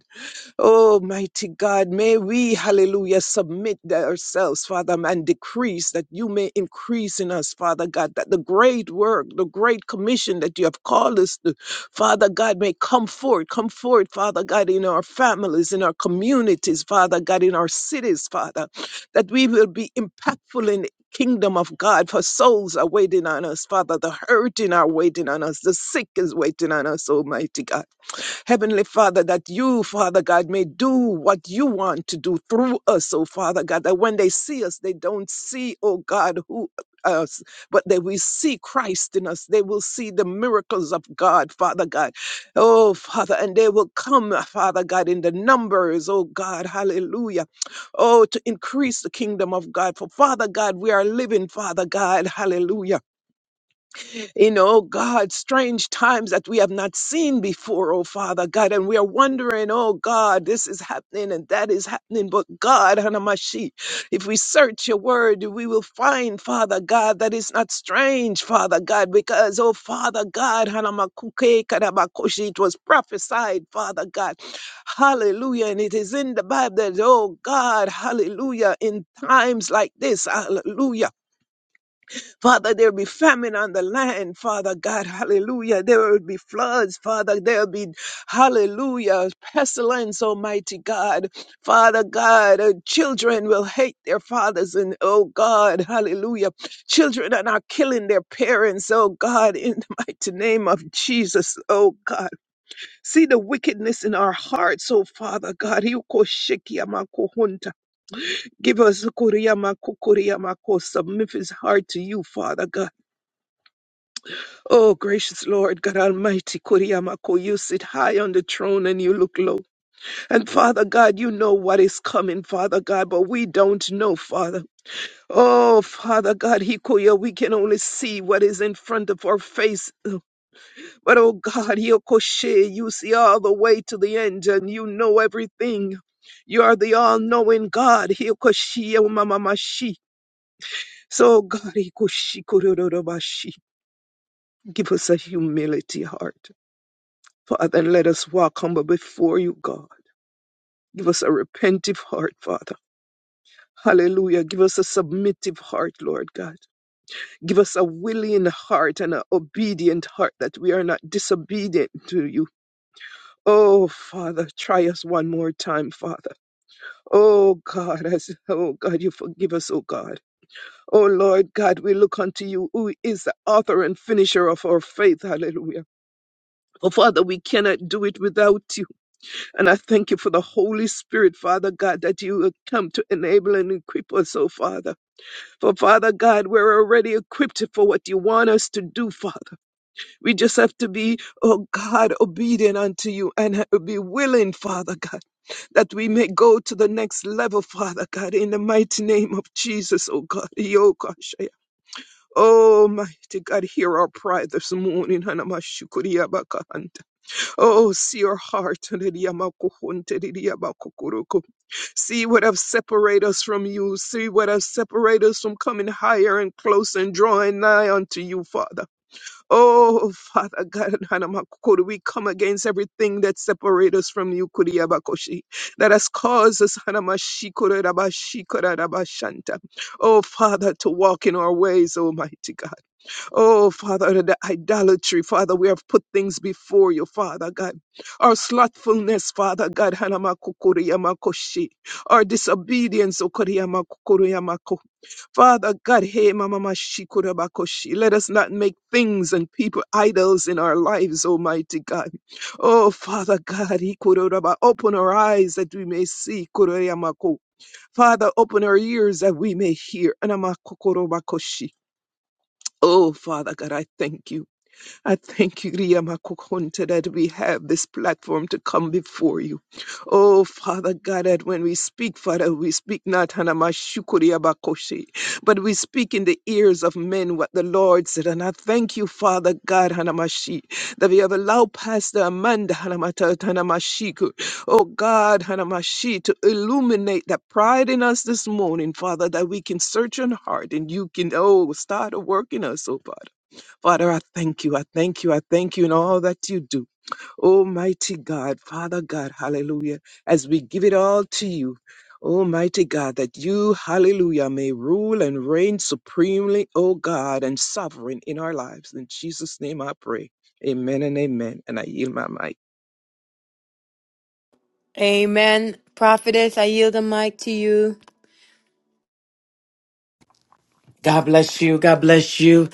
[SPEAKER 2] Oh, mighty God, may we, hallelujah, submit that ourselves, Father, and decrease that you may increase in us, Father God, that the great work, the great commission that you have called us to, Father God, may come forth, come forth, Father God, in our families, in our communities, Father God, in our cities, Father, that we will be impactful in the kingdom of God, for souls are waiting on us, Father, the hurting are waiting on us, the sick is waiting on us, Almighty God. Heavenly Father, that you, Father God, may do what you want to do through us, oh Father God, that when they see us, they don't see, oh God, who us, but that we see Christ in us. They will see the miracles of God, Father God. Oh, Father, and they will come, Father God, in the numbers, oh God, hallelujah. Oh, to increase the kingdom of God. For Father God, we are living, Father God, hallelujah you know, God, strange times that we have not seen before, oh Father God, and we are wondering, oh God, this is happening and that is happening, but God, Hanamashi, if we search your word, we will find, Father God, that is not strange, Father God, because, oh Father God, Hanamakuke Karabakoshi, it was prophesied, Father God, hallelujah, and it is in the Bible that, oh God, hallelujah, in times like this, hallelujah. Father, there will be famine on the land, Father God, hallelujah. There will be floods, Father. There will be, hallelujah, pestilence, Almighty God. Father God, uh, children will hate their fathers, and oh God, hallelujah. Children are not killing their parents, oh God, in the mighty name of Jesus, oh God. See the wickedness in our hearts, oh Father God. Give us Mephi's heart to you, Father God. Oh, gracious Lord, God Almighty, Kuriyamako, you sit high on the throne and you look low. And Father God, you know what is coming, Father God, but we don't know, Father. Oh, Father God, Hikoya, we can only see what is in front of our face. But oh God, Yokoshe, you see all the way to the end and you know everything. You are the all-knowing God, Hikoshi, Mamamashi. So God, Hikoshi, Kurororobashi, give us a humility heart. Father, let us walk humble before you, God. Give us a repentive heart, Father. Hallelujah. Give us a submissive heart, Lord God. Give us a willing heart and an obedient heart that we are not disobedient to you. Oh, Father, try us one more time, Father. Oh, God, as, oh, God, you forgive us, oh, God. Oh, Lord God, we look unto you, who is the author and finisher of our faith. Hallelujah. Oh, Father, we cannot do it without you. And I thank you for the Holy Spirit, Father God, that you have come to enable and equip us, oh Father. For Father God, we're already equipped for what you want us to do, Father. We just have to be, oh God, obedient unto you and be willing, Father God, that we may go to the next level, Father God, in the mighty name of Jesus, oh God. Yokoshaya. Oh, mighty God, hear our prayer this morning. Hanamashukuriyabakahanta. Oh, see your heart. [laughs] Nidiyamakuhun, tididiyabakukuruku. See what have separated us from you. See what have separated us from coming higher and closer and drawing nigh unto you, Father. Oh, Father God, [laughs] Hanamakukudu, we come against everything that separates us from you, Kuriabakoshi, that has caused us, Hanamashikura Rabashikura rabashanta. Oh, Father, to walk in our ways, Almighty God. Oh, Father, the idolatry, Father, we have put things before you, Father God. Our slothfulness, Father God, Hanamakukuriyamakoshi. Our disobedience, Okuriyamakukuriyamako. Father God, hey, Mamamashikurabakoshi. Let us not make things and people idols in our lives, Almighty God. Oh, Father God, Ikururaba, open our eyes that we may see, Kuriyamako. Father, open our ears that we may hear, Anamakukurubakoshi. Oh, Father God, I thank you. I thank you, Riyamakukunta, that we have this platform to come before you. Oh, Father God, that when we speak, Father, we speak not Hanamashukuriabakoshi, but we speak in the ears of men what the Lord said. And I thank you, Father God, Hanamashi, that we have allowed Pastor Amanda Hanamata Hanamashiku, oh God, Hanamashi, to illuminate that pride in us this morning, Father, that we can search our heart and you can, oh, start a work in us, oh Father. Father, I thank you. I thank you. I thank you in all that you do. Almighty God, Father God, hallelujah. As we give it all to you, Almighty God, that you, hallelujah, may rule and reign supremely, O God, and sovereign in our lives. In Jesus' name I pray. Amen and amen. And I yield my mic.
[SPEAKER 1] Amen. Prophetess, I yield the mic to you.
[SPEAKER 3] God bless you. God bless you.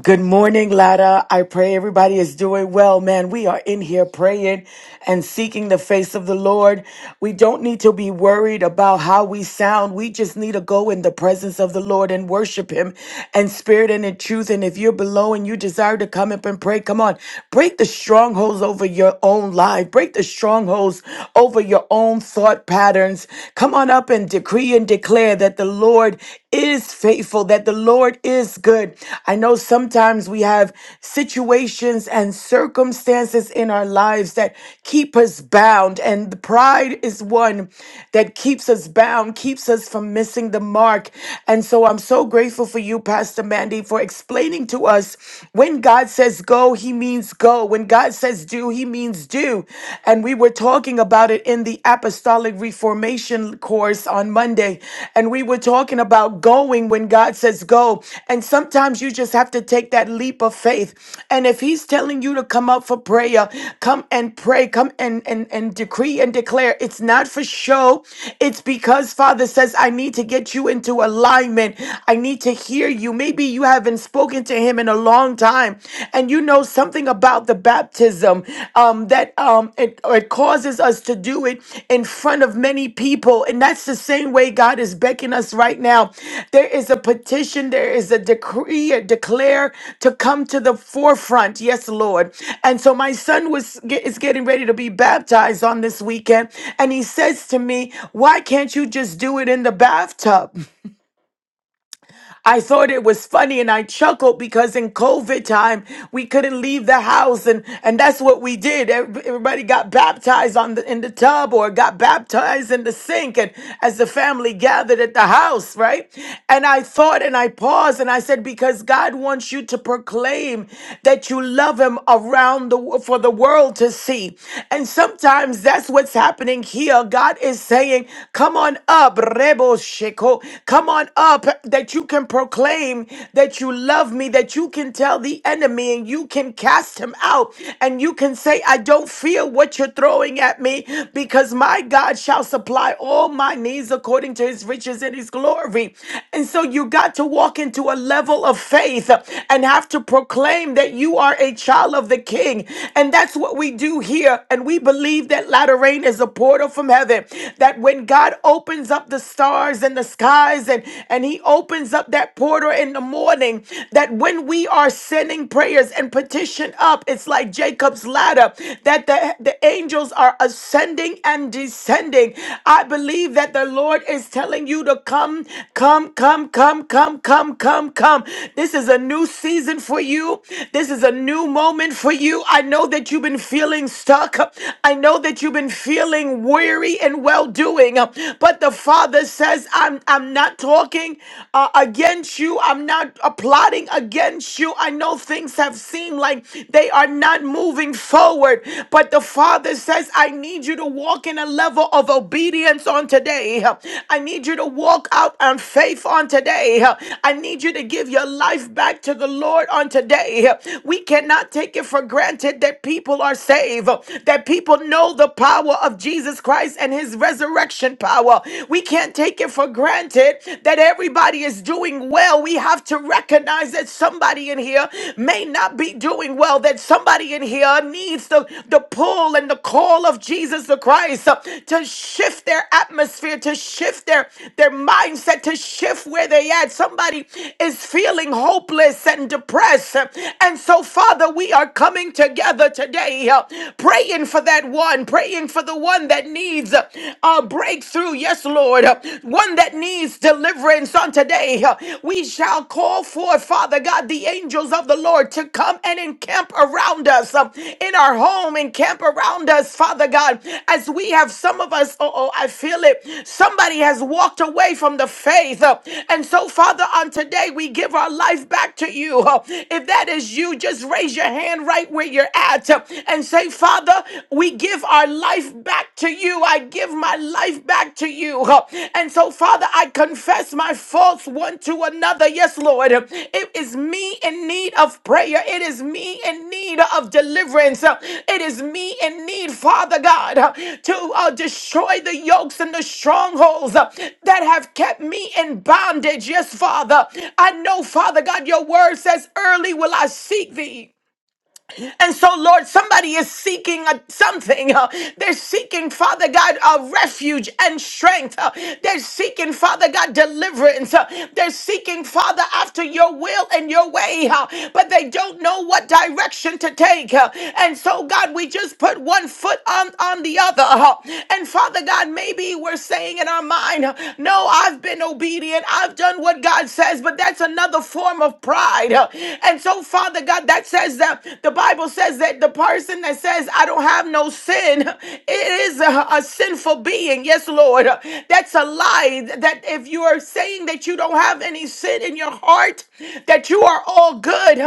[SPEAKER 3] Good morning, Lada. I pray everybody is doing well, man. We are in here praying and seeking the face of the Lord. We don't need to be worried about how we sound. We just need to go in the presence of the Lord and worship Him in spirit and in truth. And if you're below and you desire to come up and pray, come on. Break the strongholds over your own life, break the strongholds over your own thought patterns. Come on up and decree and declare that the Lord is faithful, that the Lord is good. I know sometimes we have situations and circumstances in our lives that keep us bound, and the pride is one that keeps us bound, keeps us from missing the mark. And so I'm so grateful for you, Pastor Mandy, for explaining to us when God says go, he means go. When God says do, he means Philistines do. And we were talking about it in the Apostolic Reformation course on Monday. And we were talking about going when God says go. And sometimes you just have to take that leap of faith. And if He's telling you to come out for prayer, come and pray, come and, and, and decree and declare. It's not for show, it's because Father says, I need to get you into alignment. I need to hear you. Maybe you haven't spoken to Him in in a long time, and you know something about the baptism um, that um, it, it causes us to do it in front of many people. And that's the same way God is beckoning us right now. There is a petition, there is a decree, a declare to come to the forefront. Yes, Lord. And so my son was get, is getting ready to be baptized on this weekend, and he says to me, "Why can't you just do it in the bathtub?" I thought it was funny and I chuckled because in COVID time, we couldn't leave the house. And, and that's what we did. Every- Everybody got baptized on the, in the tub or got baptized in the sink. And as the family gathered at the house, right? And I thought and I paused and I said, because God wants you to proclaim that you love him around the, for the world to see. And sometimes that's what's happening here. God is saying, come on up, Rebo Sheko. Come on up that you can proclaim that you love me, that you can tell the enemy and you can cast him out and you can say, I don't fear what you're throwing at me because my God shall supply all my needs according to his riches and his glory. And so you got to walk into a level of faith and have to proclaim that you are a child of the king. And that's what we do here. And we believe that latter rain is a portal from heaven, that when God opens up the up the stars in the skies and, and he opens up that portal in the morning that when we are sending prayers and petition up, it's like Jacob's ladder that the, the angels are ascending and descending. I believe that the Lord is telling you to come, come, come, come, come, come, come, come. This is a new season for you. This is a new moment for you. I know that you've been feeling stuck. I know that you've been feeling weary and well doing. But the Father says, I'm, I'm not talking uh, against you. I'm not uh, plotting against you. I know things have seemed like they are not moving forward. But the Father says, I need you to walk in a level of obedience on today. I need you to walk out on faith on today. I need you to give your life back to the Lord on today. We cannot take it for granted that people are saved, that people know the power power of Jesus Christ and his resurrection power. We can't take it for granted that everybody is doing well. We have to recognize that somebody in here may not be doing well, that somebody in here needs the, the pull and the call of Jesus the Christ uh, to shift their atmosphere, to shift their, their mindset, to shift where they at. Somebody is feeling hopeless and depressed. And so, Father, we are coming together today, uh, praying praying for that one, praying for the one that needs uh, a breakthrough. Yes, Lord, uh, one that needs deliverance on today. Uh, We shall call forth, Father God, the angels of the Lord to come and encamp around us uh, in our home, encamp around us, Father God, as we have some of us. Oh, oh, I feel it. Somebody has walked away from the faith. uh, And so, Father, on today, we give our life back to you. Uh, If that is you, just raise your hand right where you're at that uh, and say, Father, we give our life back to you. I give my life back to you. Uh, And so, Father, I confess my faults one to another. Yes, Lord. It is me in need of prayer. It is me in need of deliverance. Uh, It is me in need, Father God, uh, to uh, destroy the yokes and the strongholds uh, that have kept me in bondage. Yes, Father. I know, Father God, your word says, Early will I seek thee. And so, Lord, somebody is seeking a, something. uh, they're seeking, Father God, a refuge and strength. uh, they're seeking, Father God, deliverance. uh, they're seeking, Father, after your will and your way, uh, but they don't know what direction to take. uh, and so, God, we just put one foot on, on the other. uh, and Father God, maybe we're saying in our mind, uh, No, I've been obedient. I've done what God says, but that's another form of pride. uh, and so, Father God, that's says that the Bible says that the person that says, I don't have no sin, it is a, a sinful being. Yes, Lord. That's a lie. That if you are saying that you don't have any sin in your heart, that you are all good,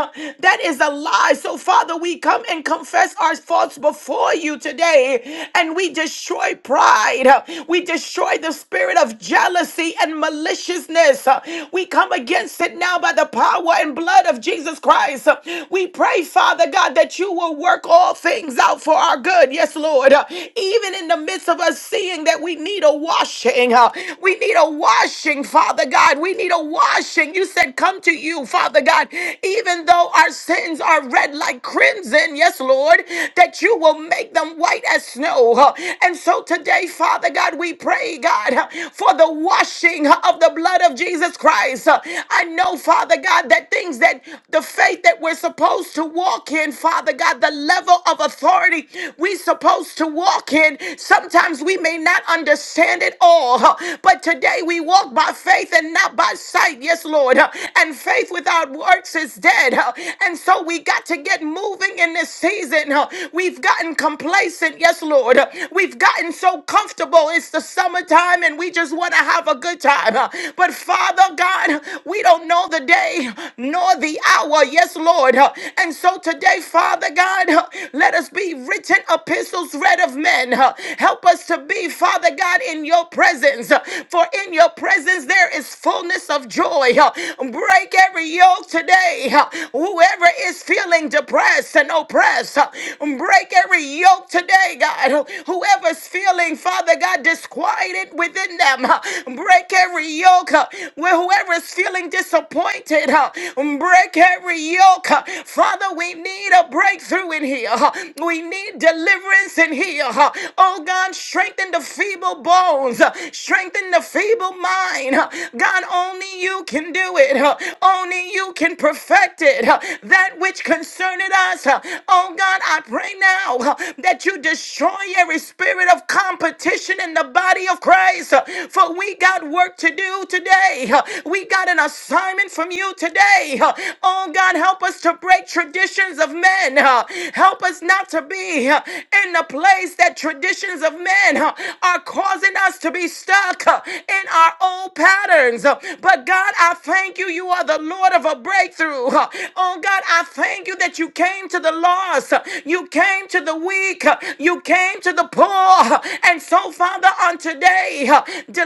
[SPEAKER 3] that is a lie. So, Father, we come and confess our faults before you today, and we destroy pride. We destroy the spirit of jealousy and maliciousness. We come against it now by the power and blood of Jesus. Christ. We pray, Father God, that you will work all things out for our good. Yes, Lord. Uh, Even in the midst of us seeing that we need a washing, uh, we need a washing, Father God. We need a washing. You said, Come to you, Father God, even though our sins are red like crimson. Yes, Lord, that you will make them white as snow. Uh, And so today, Father God, we pray, God, uh, for the washing uh, of the blood of Jesus Christ. Uh, I know, Father God, that that things that the faith that we're supposed to walk in, Father God, the level of authority we're supposed to walk in. Sometimes we may not understand it all, huh, but today we walk by faith and not by sight. Yes, Lord. huh, And faith without works is dead. huh, And so we got to get moving in this season. huh. We've gotten complacent. Yes, Lord. huh. We've gotten so comfortable. It's the summertime and we just want to have a good time. huh. But Father God, we don't don't know the day nor the hour. Yes, Lord. Uh, And so today, Father God, uh, let us be written epistles read of men. Uh, Help us to be, Father God, in your presence. Uh, For in your presence there is fullness of joy. Uh, Break every yoke today. Uh, Whoever is feeling depressed and oppressed, uh, break every yoke today, God. Whoever's feeling, Father God, disquieted within them, uh, break every yoke. Uh, where Father, whoever is feeling disappointed, uh, break every yoke. uh. Father, we need a breakthrough in here. uh. We need deliverance in here. uh. Oh God, strengthen the feeble bones, uh. strengthen the feeble mind. uh. God, only you can do it. uh. Only you can perfect it. uh. That which concerneth us. uh. Oh God, I pray now uh, that you destroy every spirit of competition in the body of Christ. uh, For we got work to do to do today. Uh, We got an assignment from you today. Uh, Oh God, help us to break traditions of men. Uh, Help us not to be uh, in the place that traditions of men uh, are causing us to be stuck uh, in our old patterns. Uh, But God, I thank you. You are the Lord of a breakthrough. Uh, Oh God, I thank you that you came to the lost. Uh, You came to the weak. Uh, You came to the poor. Uh, And so, Father, on today,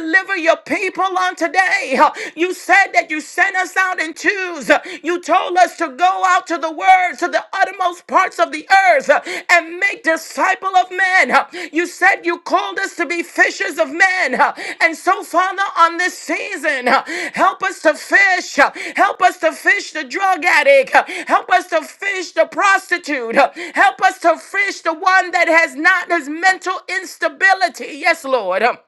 [SPEAKER 3] deliver your people on today. You said that you sent us out in twos. You told us to go out to the world, to the uttermost parts of the earth, and make disciple of men. You said you called us to be fishers of men. And so, Father, on this season, help us to fish. Help us to fish the drug addict. Help us to fish the prostitute. Help us to fish the one that has not his mental instability. Yes, Lord.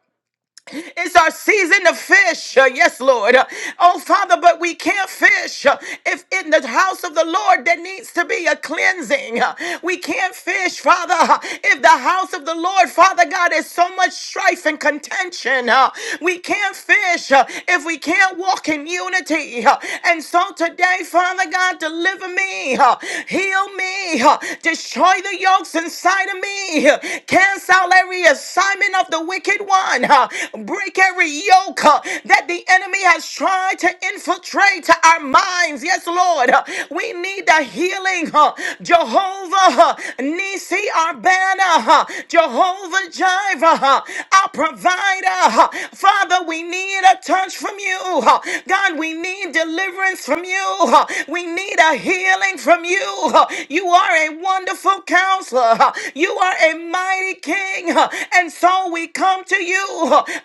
[SPEAKER 3] It's our season to fish. Uh, Yes, Lord. Uh, Oh, Father, but we can't fish uh, if in the house of the Lord there needs to be a cleansing. Uh, We can't fish, Father, uh, if the house of the Lord, Father God, is so much strife and contention. Uh, We can't fish uh, if we can't walk in unity. Uh, And so today, Father God, deliver me, uh, heal me, uh, destroy the yokes inside of me, uh, cast out cancel every assignment of the wicked one, huh? break every yoke huh, that the enemy has tried to infiltrate our minds. Yes, Lord, huh? we need the healing. huh? Jehovah huh, Nisi, our banner, huh? Jehovah Jireh, huh? our provider. huh? Father, we need a touch from you. huh? God, we need deliverance from you. huh? We need a healing from you. huh? You are a wonderful wonderful counselor. You are a mighty king. And so we come to you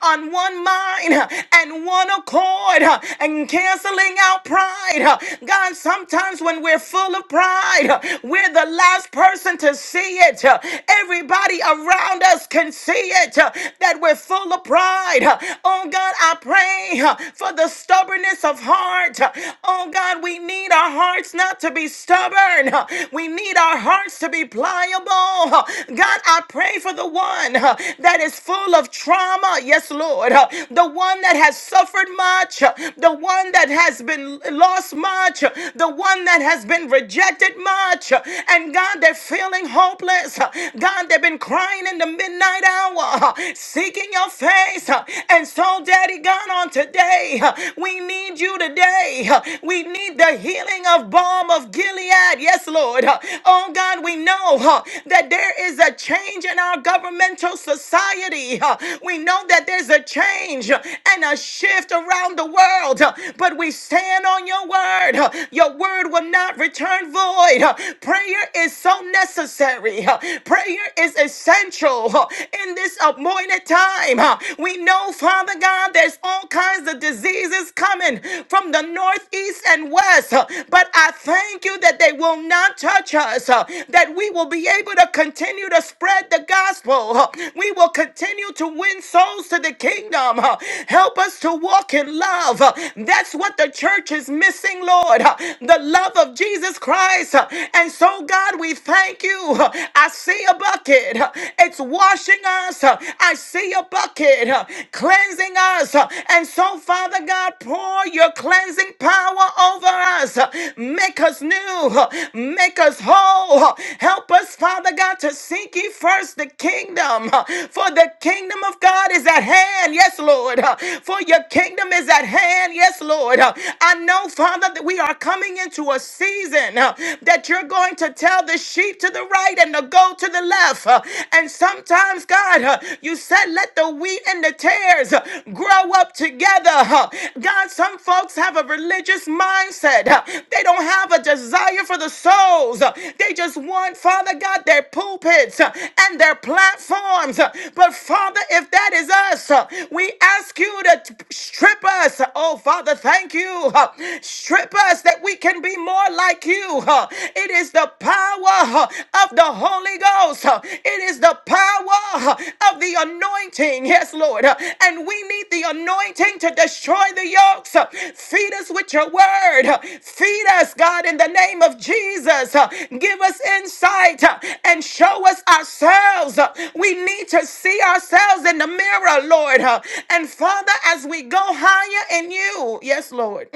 [SPEAKER 3] on one mind and one accord and canceling out pride. God, sometimes when we're full of pride, we're the last person to see it. Everybody around us can see it that we're full of pride. Oh God, I pray for the stubbornness of heart. Oh God, we need our hearts now not to be stubborn. We need our hearts to be pliable. God, I pray for the one that is full of trauma. Yes, Lord. The one that has suffered much. The one that has been lost much. The one that has been rejected much. And God, they're feeling hopeless. God, they've been crying in the midnight hour, seeking your face. And so, Daddy God, on today, we need you you today. We need the healing of balm of Gilead. Yes, Lord. Oh, God, we know huh, that there is a change in our governmental society. huh. We know that there's a change huh, and a shift around the world, huh, but we stand on your word. huh. Your word will not return void. huh. Prayer is so necessary. huh. Prayer is essential huh, in this appointed time. huh. We know, Father. Father God, there's all kinds of diseases coming from the northeast and west, uh, but I thank you that they will not touch us, uh, that we will be able to continue to spread the gospel. uh, We will continue to win souls to the kingdom. uh, Help us to walk in love. uh, That's what the church is missing, Lord, uh, the love of Jesus Christ. uh, And so, God, we thank you. uh, I see a bucket. uh, It's washing us. I see a bucket uh, cleansing us. And so, Father God, pour your cleansing power over us. Make us new. Make us whole. Help us, Father God, to seek ye first the kingdom. For the kingdom of God is at hand. Yes, Lord. For your kingdom is at hand. Yes, Lord. I know, Father, that we are coming into a season uh, that you're going to tell the sheep to the right right and to go to the left. Uh, And sometimes, God, uh, you said, let the wheat and the tares uh, grow up together. Uh, God, some folks have a religious mindset. Uh, They don't have a desire for the souls. Uh, They just want, Father God, their pulpits uh, and their platforms. Uh, But Father, if that is us, uh, we ask you to t- strip us. Oh, Father, thank you. Uh, Strip us that we can be more like you you. huh. It is the power huh, of the Holy Ghost. huh. It is the power huh, of the anointing. Yes, Lord. huh. And we need the anointing to destroy the yokes. huh. Feed us with your word. huh. Feed us, God, in the name of Jesus. huh. Give us insight huh, and show us ourselves. huh. We need to see ourselves in the mirror, Lord. huh. And Father, as we go higher in you, yes, Lord. mm,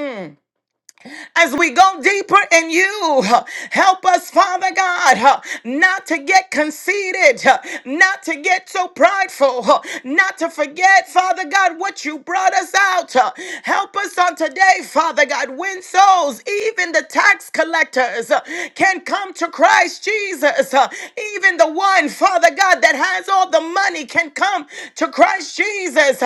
[SPEAKER 3] as we go deeper in you. Help us, Father God, not to get conceited, not to get so prideful, not to forget, Father God, what you brought us out. Help us on today, Father God, win souls, even the tax collectors can come to Christ Jesus. Even the one, Father God, that has all the money can come to Christ Jesus.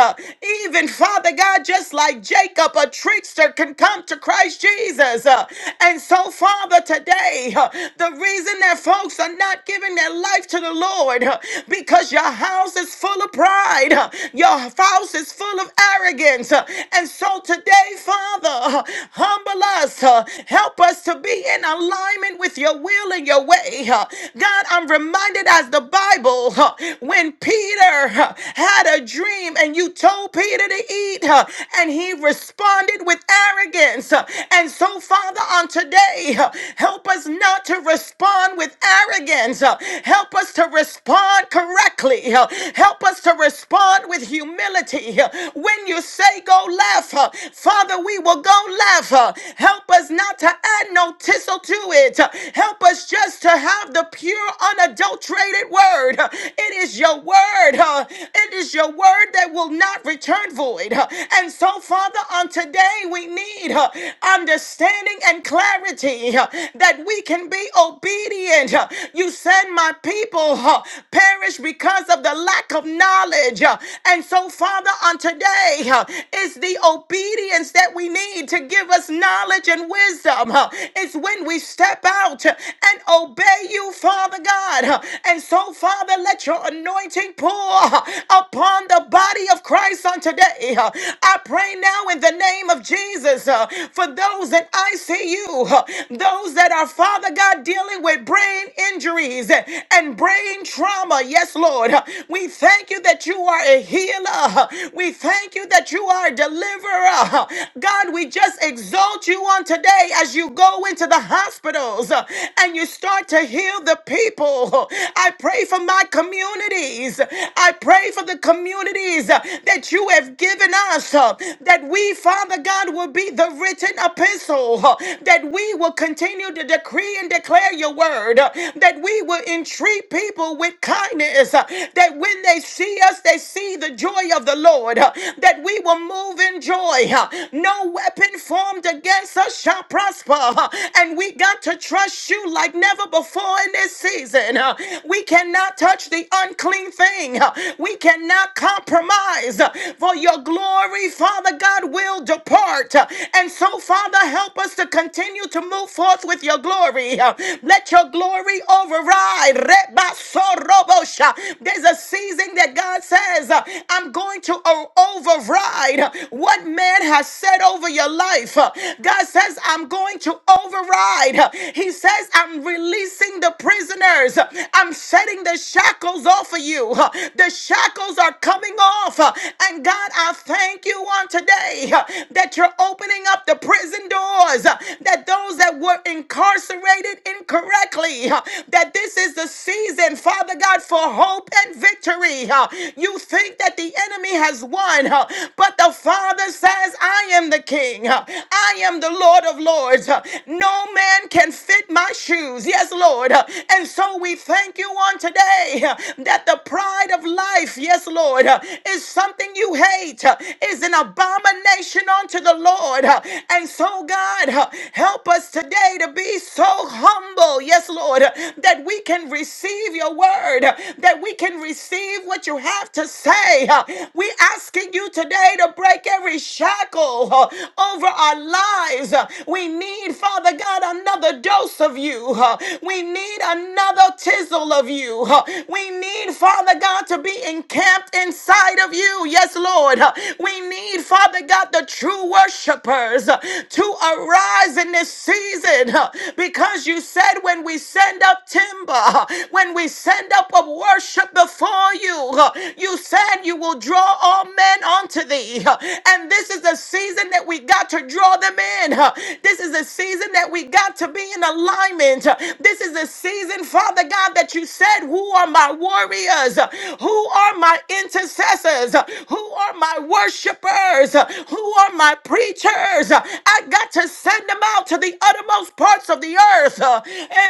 [SPEAKER 3] Even, Father God, just like Jacob, a trickster can come to Christ of Christ Jesus. Uh, And so, Father, today, uh, the reason that folks are not giving their life to the Lord uh, because your house is full of pride, uh, your house is full of arrogance. Uh, And so, today, Father, uh, humble us, uh, help us to be in alignment with your will and your way. uh. God, I'm reminded as the Bible, uh, when Peter uh, had a dream and you told Peter to eat, uh, and he responded with arrogance. And so, Father, on today, help us not to respond with arrogance. Help us to respond correctly. Help us to respond with humility. When you say go left, Father, we will go left. Help us not to add no tissel to it. Help us just to have the pure, unadulterated word. It is your word. It is your word that will not return void. And so, Father, on today, today we need uh, understanding and clarity uh, that we can be obedient. Uh, You said, My people uh, perish because of the lack of knowledge. Uh, And so, Father, on today uh, is the obedience that we need to give us knowledge and wisdom. Uh, It's when we step out uh, and obey you, Father God. Uh, And so, Father, let your anointing pour uh, upon the body of Christ on today. Uh, I pray now now in the name of Jesus uh, for those in ICU, uh, those that are, Father God, dealing with brain injuries uh, and brain trauma. Yes, Lord. Uh, We thank you that you are a healer. Uh, We thank you that you are a deliverer. Uh, God, we just exalt you on today as you go into the hospitals uh, and you start to heal the people. Uh, I pray for my communities. I pray for the communities uh, that you have given us us, uh, that we, Father God, will be the written epistle, uh, that we will continue to decree and declare your word, uh, that we will entreat people with kindness, uh, that when they see us, they see the joy of the Lord, uh, that we will move in joy. uh, No weapon formed against us shall prosper, uh, and we got to trust you like never before in this season. uh, We cannot touch the unclean thing, uh, we cannot compromise, uh, for your your glory, Father God, will depart. And so, Father, help us to continue to move forth with your glory. Let your glory override. Rebasorobosha. There's a season that God says, I'm going to o- override what man has said over your life. God says, I'm going to override. He says, I'm releasing the prisoners. I'm setting the shackles off of you. The shackles are coming off, and God, I thank you on today uh, that you're opening up the prison doors, uh, that those that were incarcerated incorrectly, uh, that this is the season, Father God, for hope and victory. uh. You think that the enemy has won, uh, but the Father says, I am the King. uh, I am the Lord of Lords. uh, No man can fit my shoes. Yes, Lord. uh, And so we thank you on today uh, that the pride of life, yes, Lord, uh, is something you hate, uh, is an abomination unto the Lord. uh, And so, God, uh, help us today to be so humble, yes, Lord, uh, that we can receive your word, uh, that we can receive what you have to say. uh, We asking you today to break every shackle uh, over our lives. uh, We need, Father God, another dose of you. uh, We need another tizzle of you. uh, We need, Father God, to be encamped depth inside of you. Yes, Lord. We need, Father God, the true worshipers to arise in this season because you said when we send up timber, when we send up a worship before you, you said you will draw all men unto thee. And this is a season that we got to draw them in. This is a season that we got to be in alignment. This is a season, Father God, that you said, Who are my warriors? Who are my intercessors? Who are my worshipers? Who are my preachers? I got to send them out to the uttermost parts of the earth.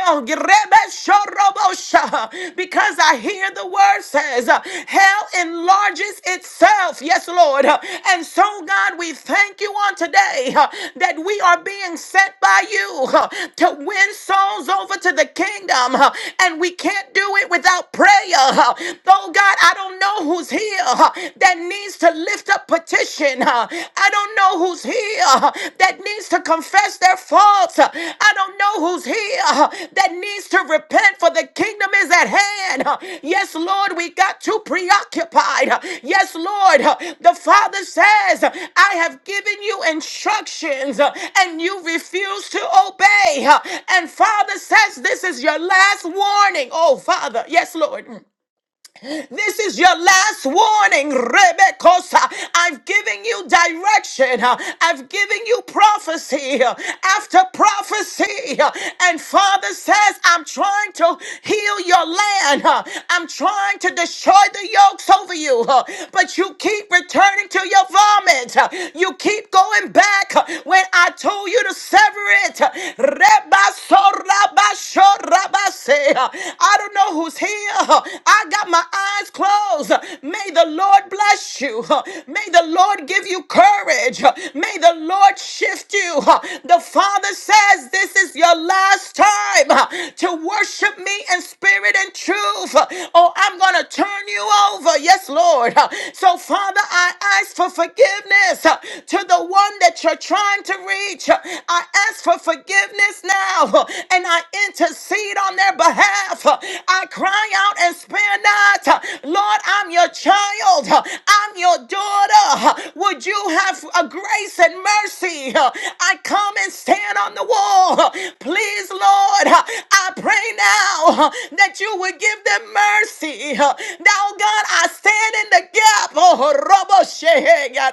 [SPEAKER 3] El grebe shorobosha. Because I hear the word says, hell enlarges itself. Yes, Lord. And so, God, we thank you on today that we are being sent by you to win souls over to the kingdom. And we can't do it without prayer. Oh God, I don't know who's here uh, that needs to lift up petition. uh, I don't know who's here uh, that needs to confess their faults. uh, I don't know who's here uh, that needs to repent for the kingdom is at hand. uh, Yes, Lord, we got too preoccupied. uh, Yes, Lord, uh, the Father says, I have given you instructions uh, and you refuse to obey. uh, And Father says, this is your last warning. Oh, Father, yes, Lord. Mm. This is your last warning, Rebekosa. I've given you direction. I've given you prophecy after prophecy. And Father says, I'm trying to heal your land. I'm trying to destroy the yokes over you. But you keep returning to your vomit. You keep going back when I told you to sever it. Rebasorabasho Rabase. I don't know who's here. I got my eyes closed. May the Lord bless you. May the Lord give you courage. May the Lord shift you. The Father says this is your last time to worship me in spirit and truth. Oh, I'm going to turn you over. Yes, Lord. So, Father, I ask for forgiveness to the one that you're trying to reach. I ask for forgiveness now and I intercede on their behalf. I cry out and spare not. Lord, I'm your child. I'm your daughter. Would you have a grace and mercy? I come and stand on the wall. Please, Lord, I pray now that you would give them mercy. Now, God, I stand in the gap. Robo Shehe, Ya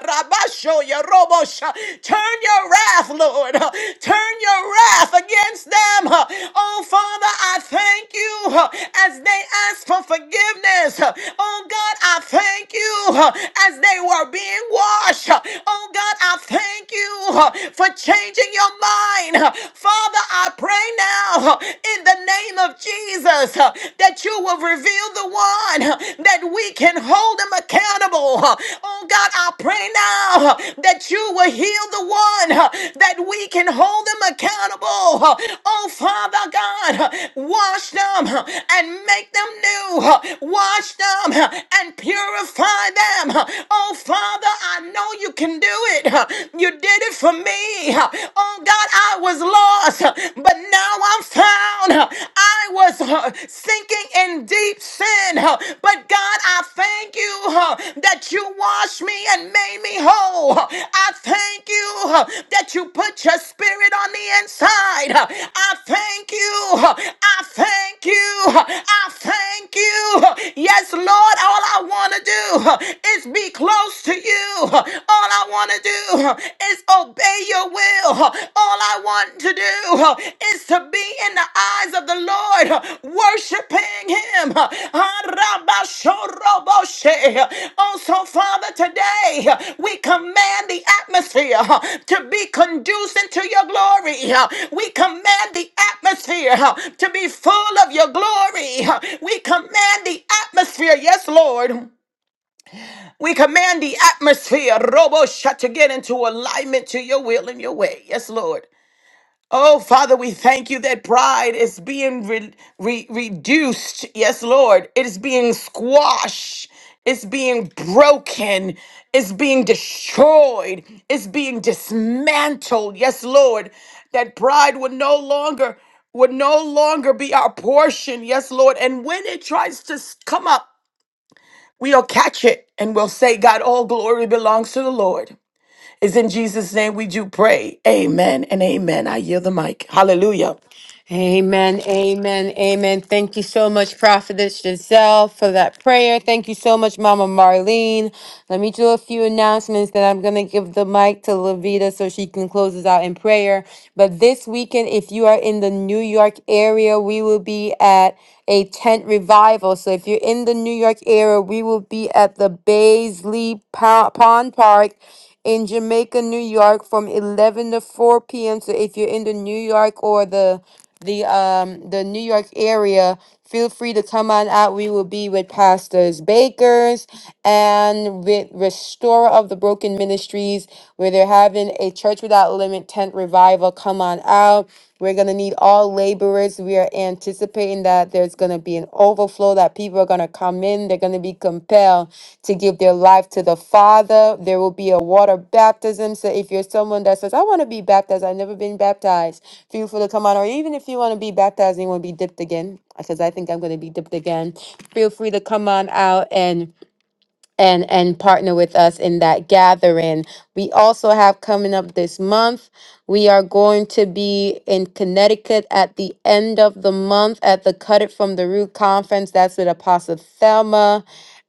[SPEAKER 3] Turn your wrath, Lord. uh, Turn your wrath against them. uh. Oh, Father, I thank you uh, as they ask for forgiveness. uh. Oh, God, I thank you uh, as they were being washed. uh. Oh, God, I thank thank you for changing your mind. Father, I pray now in the name of Jesus that you will reveal the one that we can hold him accountable. Oh God, I pray now that you will heal the one that we can hold him accountable. Oh Father God, wash them and make them new. Wash them and purify them. Oh Father, I know you can do it. You did it for me. Oh God, I was lost, but now I'm found. I was uh, sinking in deep sin, but God, I thank you uh, that you washed me and made me whole. I thank you uh, that you put your spirit on the inside. I thank you. uh, I thank you. uh, I thank you. Yes, Lord, all I want to do uh, is be be close to you. All I want to do is obey your will. All I want to do is to be in the eyes of the Lord, worshiping Him. Arabashoroboshe. Also, Father, today we command the atmosphere to be conducive to your glory. We command the atmosphere to be full of your glory. We command the atmosphere, yes, Lord. We command the atmosphere, Robo Shut, to get into alignment to your will and your way. Yes, Lord. Oh, Father, we thank you that pride is being re- re- reduced. Yes, Lord. It is being squashed. It's being broken. It's being destroyed. It's being dismantled. Yes, Lord. That pride would no longer would no longer be our portion. Yes, Lord. And when it tries to s- come up, We'll catch it and we'll say, God, all glory belongs to the Lord. It's in Jesus' name we do pray. Amen and amen. I yield the mic. Hallelujah.
[SPEAKER 1] Amen, amen, amen. Thank you so much, Prophetess Giselle, for that prayer. Thank you so much, Mama Marlene. Let me do a few announcements, then I'm going to give the mic to Lavita so she can close us out in prayer. But this weekend, if you are in the New York area, we will be at a tent revival. So if you're in the New York area, we will be at the Baisley Po- Pond Park in Jamaica, New York, from eleven to four p.m. So if you're in the New York or the the um the New York area, feel free to come on out. We will be with pastors, bakers, and with Restorer of the Broken Ministries, where they're having a Church Without Limit tent revival. Come on out. We're gonna need all laborers. We are anticipating that there's gonna be an overflow. That people are gonna come in. They're gonna be compelled to give their life to the Father. There will be a water baptism. So if you're someone that says, I want to be baptized, I've never been baptized, feel free to come on. Or even if you want to be baptized and you want to be dipped again, because I think I'm going to be dipped again, feel free to come on out and and and partner with us in that gathering. We also have coming up this month, we are going to be in Connecticut at the end of the month at the Cut It From the Root conference. That's with Apostle Thelma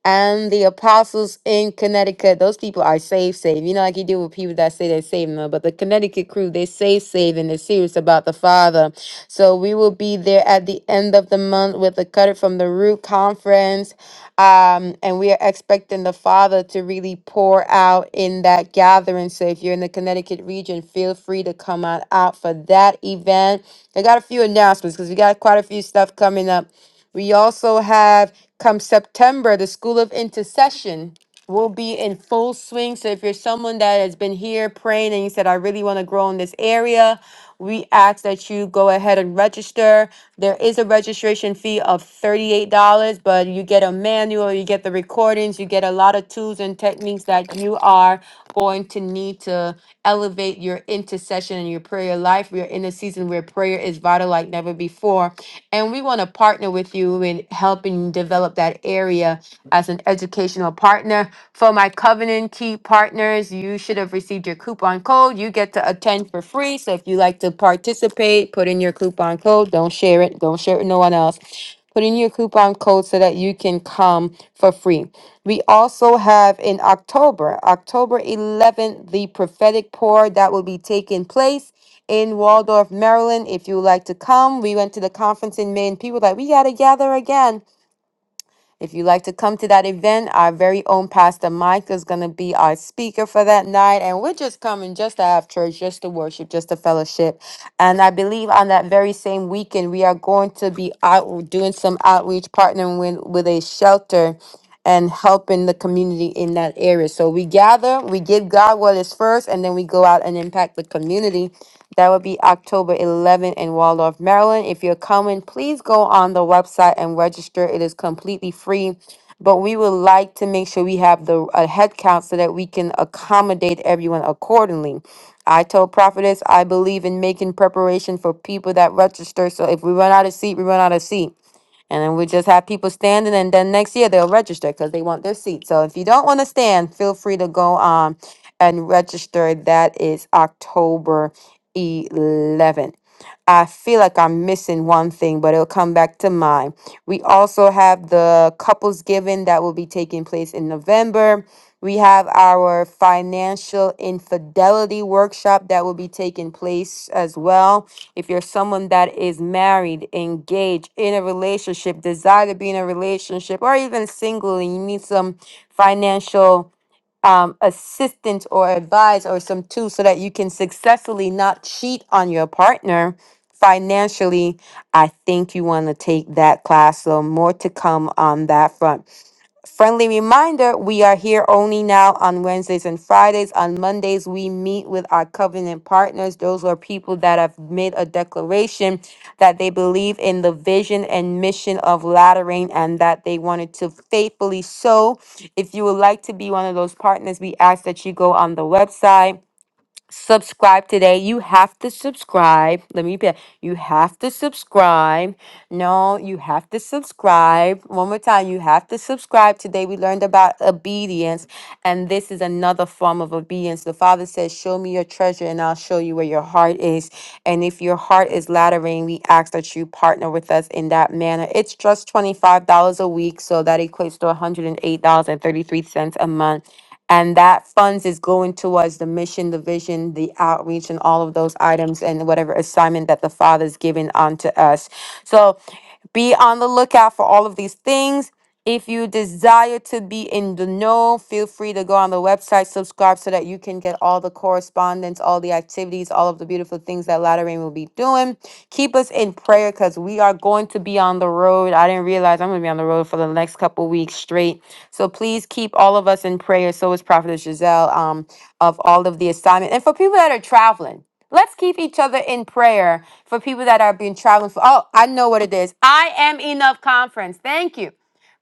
[SPEAKER 1] and the apostles in Connecticut. Those people are safe, safe. You know, like you do with people that say they're saving them, but the Connecticut crew, they save, save, and they're serious about the Father. So we will be there at the end of the month with the Cut It From the Root conference. Um, and we are expecting the Father to really pour out in that gathering. So if you're in the Connecticut region, feel free to come on out for that event. I got a few announcements because we got quite a few stuff coming up. We also have come September, the School of Intercession will be in full swing. So if you're someone that has been here praying and you said, I really want to grow in this area, we ask that you go ahead and register. There is a registration fee of $38, but you get a manual, you get the recordings, you get a lot of tools and techniques that you are going to need to elevate your intercession and your prayer life. We are in a season where prayer is vital like never before. And we want to partner with you in helping develop that area as an educational partner. For my Covenant Key partners, you should have received your coupon code. You get to attend for free. So if you like to participate, put in your coupon code. Don't share it. Don't share it with no one else. Put in your coupon code so that you can come for free. We also have in October, October 11th, the prophetic pour that will be taking place in Waldorf, Maryland. If you would like to come, we went to the conference in May, and people were like, we got to gather again. If you'd like to come to that event, our very own Pastor Mike is going to be our speaker for that night. And we're just coming just to have church, just to worship, just to fellowship. And I believe on that very same weekend, we are going to be out doing some outreach, partnering with, with a shelter and helping the community in that area. So we gather, we give God what is first, and then we go out and impact the community that would be October 11th in Waldorf, Maryland. If you're coming, please go on the website and register. It is completely free. But we would like to make sure we have the a head count so that we can accommodate everyone accordingly. I told Prophetess I believe in making preparation for people that register. So if we run out of seat, we run out of seat. And then we just have people standing, and then next year they'll register because they want their seat. So if you don't want to stand, feel free to go um and register. That is October 11th. I feel like I'm missing one thing, but it'll come back to mind. We also have the couples giving that will be taking place in November. We have our financial infidelity workshop that will be taking place as well. If you're someone that is married, engaged, in a relationship, desire to be in a relationship, or even single and you need some financial um, assistance or advice or some tools so that you can successfully not cheat on your partner financially, I think you want to take that class. So, more to come on that front. Friendly reminder we are here only now on Wednesdays and Fridays. On Mondays, we meet with our covenant partners. Those are people that have made a declaration that they believe in the vision and mission of Latter Rain and that they wanted to faithfully sow. If you would like to be one of those partners, we ask that you go on the website subscribe today. You have to subscribe. Let me be. You have to subscribe. No, you have to subscribe. One more time. You have to subscribe. Today we learned about obedience, and this is another form of obedience. The Father says, Show me your treasure, and I'll show you where your heart is. And if your heart is lattering, we ask that you partner with us in that manner. It's just $25 a week, so that equates to $108.33 a month. And that funds is going towards the mission, the vision, the outreach, and all of those items and whatever assignment that the Father's given unto us. So be on the lookout for all of these things. If you desire to be in the know, feel free to go on the website, subscribe so that you can get all the correspondence, all the activities, all of the beautiful things that Latter Rain will be doing. Keep us in prayer because we are going to be on the road. I didn't realize I'm going to be on the road for the next couple weeks straight. So please keep all of us in prayer. So is Prophetess Giselle um, of all of the assignment. And for people that are traveling, Let's keep each other in prayer for people that are being traveling. For, oh, I know what it is. I am enough conference. Thank you.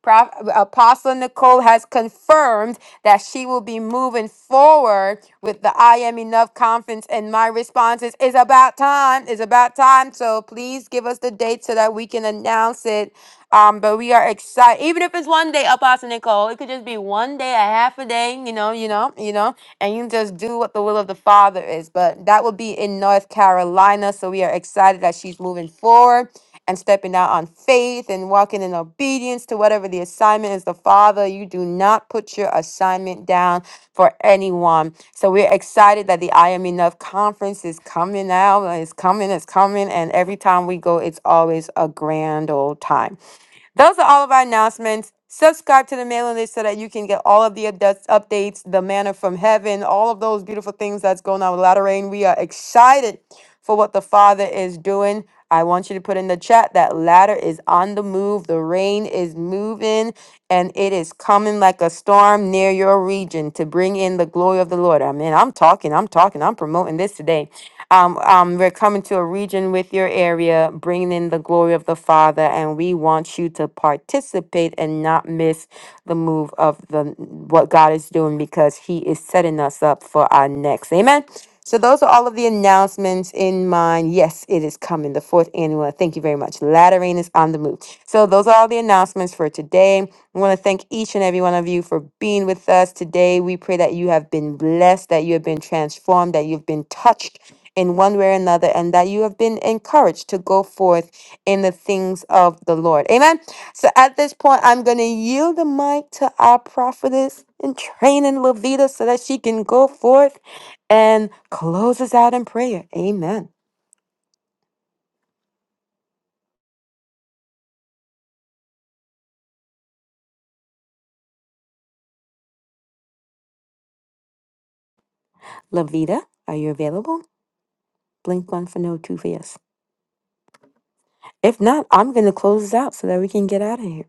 [SPEAKER 1] Prof, Apostle Nicole has confirmed that she will be moving forward with the I Am Enough conference. And my response is, it's about time. It's about time. So please give us the date so that we can announce it. Um, but we are excited. Even if it's one day, Apostle Nicole, it could just be one day, a half a day, you know, you know, you know and you just do what the will of the Father is. But that will be in North Carolina. So we are excited that she's moving forward and stepping out on faith and walking in obedience to whatever the assignment is the Father. You do not put your assignment down for anyone. So we're excited that the I Am Enough conference is coming out. It's coming, it's coming. And every time we go, it's always a grand old time. Those are all of our announcements. Subscribe to the mailing list so that you can get all of the updates, updates, the manna from heaven, all of those beautiful things that's going on with Latter Rain. We are excited for what the Father is doing. I want you to put in the chat that ladder is on the move. The rain is moving and it is coming like a storm near your region to bring in the glory of the Lord. I mean, I'm talking, I'm talking, I'm promoting this today. Um, um, we're coming to a region with your area, bringing in the glory of the Father, and we want you to participate and not miss the move of the what God is doing because He is setting us up for our next. Amen. So those are all of the announcements in mind. Yes, it is coming, the fourth annual. Thank you very much. Lateran is on the move. So those are all the announcements for today. I want to thank each and every one of you for being with us today. We pray that you have been blessed, that you have been transformed, that you've been touched in one way or another, and that you have been encouraged to go forth in the things of the Lord. Amen. So at this point, I'm going to yield the mic to our prophetess in training, Levita, so that she can go forth and close us out in prayer. Amen. Levita, are you available? Blink one for no, two for yes. If not, I'm going to close us out so that we can get out of here.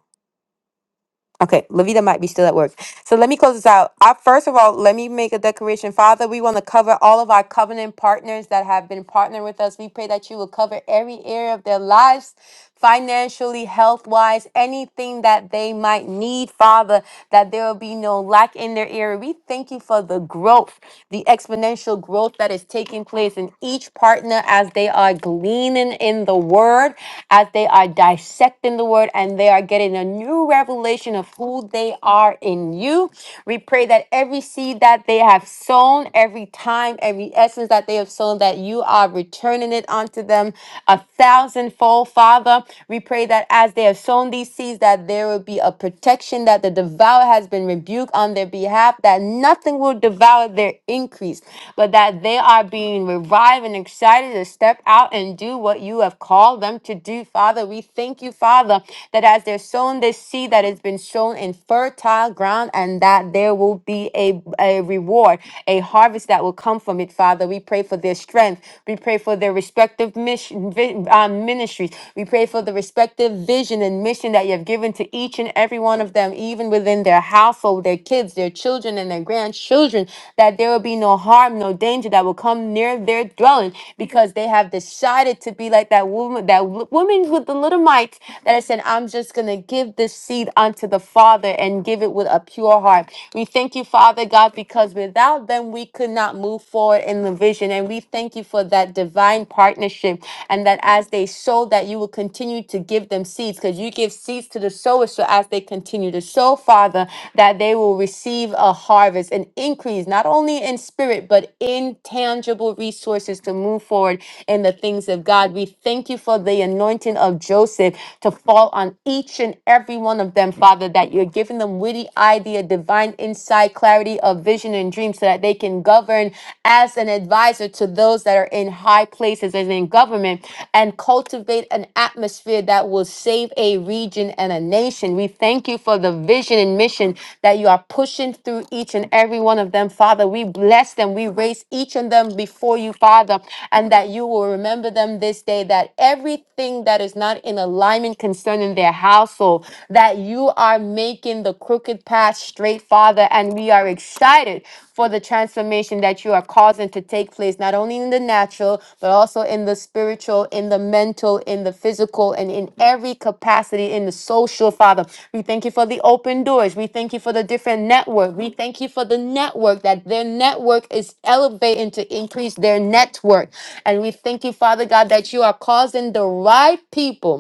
[SPEAKER 1] Okay, Levita might be still at work. So let me close this out. I, first of all, let me make a declaration. Father, we want to cover all of our covenant partners that have been partnering with us. We pray that you will cover every area of their lives, financially, health wise, anything that they might need, Father, that there will be no lack in their area. We thank you for the growth, the exponential growth that is taking place in each partner as they are gleaning in the word, as they are dissecting the word, and they are getting a new revelation revelation of who they are in you. We pray that every seed that they have sown, every time, every essence that they have sown, that you are returning it unto them a thousandfold, Father. We pray that as they have sown these seeds, that there will be a protection, that the devourer has been rebuked on their behalf, that nothing will devour their increase, but that they are being revived and excited to step out and do what you have called them to do, Father. We thank you, Father, that as they're sown on this seed that has been sown in fertile ground and that there will be a, a reward, a harvest that will come from it, Father. We pray for their strength. We pray for their respective mission, vi- um, ministries. We pray for the respective vision and mission that you have given to each and every one of them, even within their household, their kids, their children, and their grandchildren, that there will be no harm, no danger that will come near their dwelling because they have decided to be like that woman, that wo- woman with the little mites that has said, I'm just going to going to give this seed unto the Father and give it with a pure heart. We thank you, Father God, because without them, we could not move forward in the vision. And we thank you for that divine partnership and that as they sow, that you will continue to give them seeds because you give seeds to the sower. So as they continue to sow, Father, that they will receive a harvest, an increase, not only in spirit, but in tangible resources to move forward in the things of God. We thank you for the anointing of Joseph to fall call on each and every one of them, Father, that you're giving them witty idea, divine insight, clarity of vision and dream so that they can govern as an advisor to those that are in high places and in government and cultivate an atmosphere that will save a region and a nation. We thank you for the vision and mission that you are pushing through each and every one of them, Father. We bless them. We raise each of them before you, Father, and that you will remember them this day, that everything that is not in alignment burden concerning their household, that you are making the crooked path straight, Father. And we are excited for the transformation that you are causing to take place, not only in the natural, but also in the spiritual, in the mental, in the physical, and in every capacity in the social, Father. We thank you for the open doors. We thank you for the different network. We thank you for the network that their network is elevating to increase their network. And we thank you, Father God, that you are causing the right people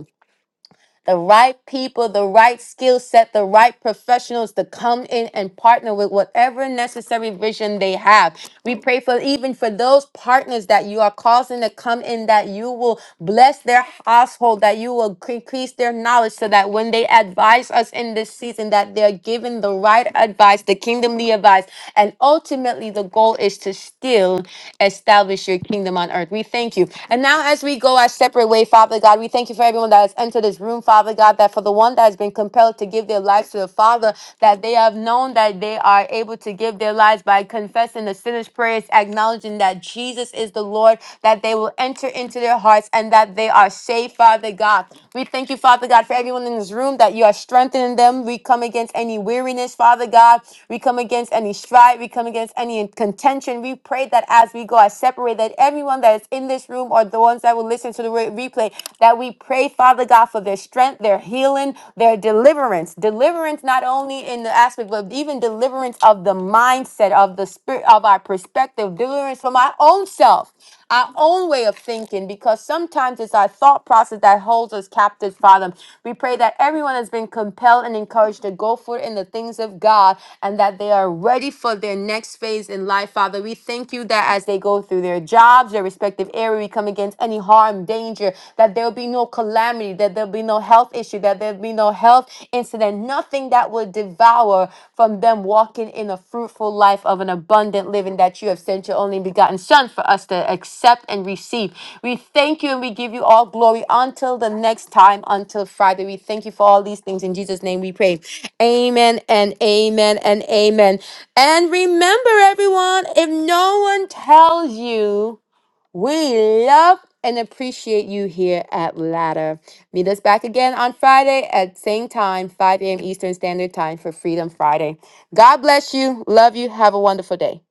[SPEAKER 1] the right people, the right skill set, the right professionals to come in and partner with whatever necessary vision they have we pray for even for those partners that you are causing to come in, that you will bless their household, that you will increase their knowledge so that when they advise us in this season, that they're given the right advice, the kingdomly advice. And ultimately, the goal is to still establish your kingdom on earth. We thank you. And now, as we go our separate way, Father God, we thank you for everyone that has entered this room, Father God, that for the one that has been compelled to give their life massive. Father, that they have known that they are able to give their lives by confessing the sinner's prayers, acknowledging that Jesus is the Lord, that they will enter into their hearts and that they are saved, Father God. We thank you, Father God, for everyone in this room that you are strengthening them. We come against any weariness, Father God. We come against any strife. We come against any contention. We pray that as we go, I separate that everyone that is in this room or the ones that will listen to the replay replay, that we pray, Father God, for their strength, their healing, their deliverance. Deliverance not only in the aspect, but even deliverance of the mindset, of the spirit, of our perspective, deliverance from our own self, our own way of thinking, because sometimes it's our thought process that holds us captive, Father. We pray that everyone has been compelled and encouraged to go for it in the things of God and that they are ready for their next phase in life, Father. Father. We thank you that as they go through their jobs, their respective area, we come against any harm, danger, that there'll be no calamity, that there'll be no health issue, that there'll be no health incident, nothing that will devour from them walking in a fruitful life of an abundant living that you have sent your only begotten Son for us to accept and receive. We thank you and we give you all glory until the next time, until Friday. We thank you for all these things. In Jesus' name we pray. Amen and amen and amen. And remember, everyone, if no one tells you, we love and appreciate you here at Ladder. Meet us back again on Friday at same time, 5 a.m. Eastern Standard Time for Freedom Friday. God bless you. Love you. Have a wonderful day.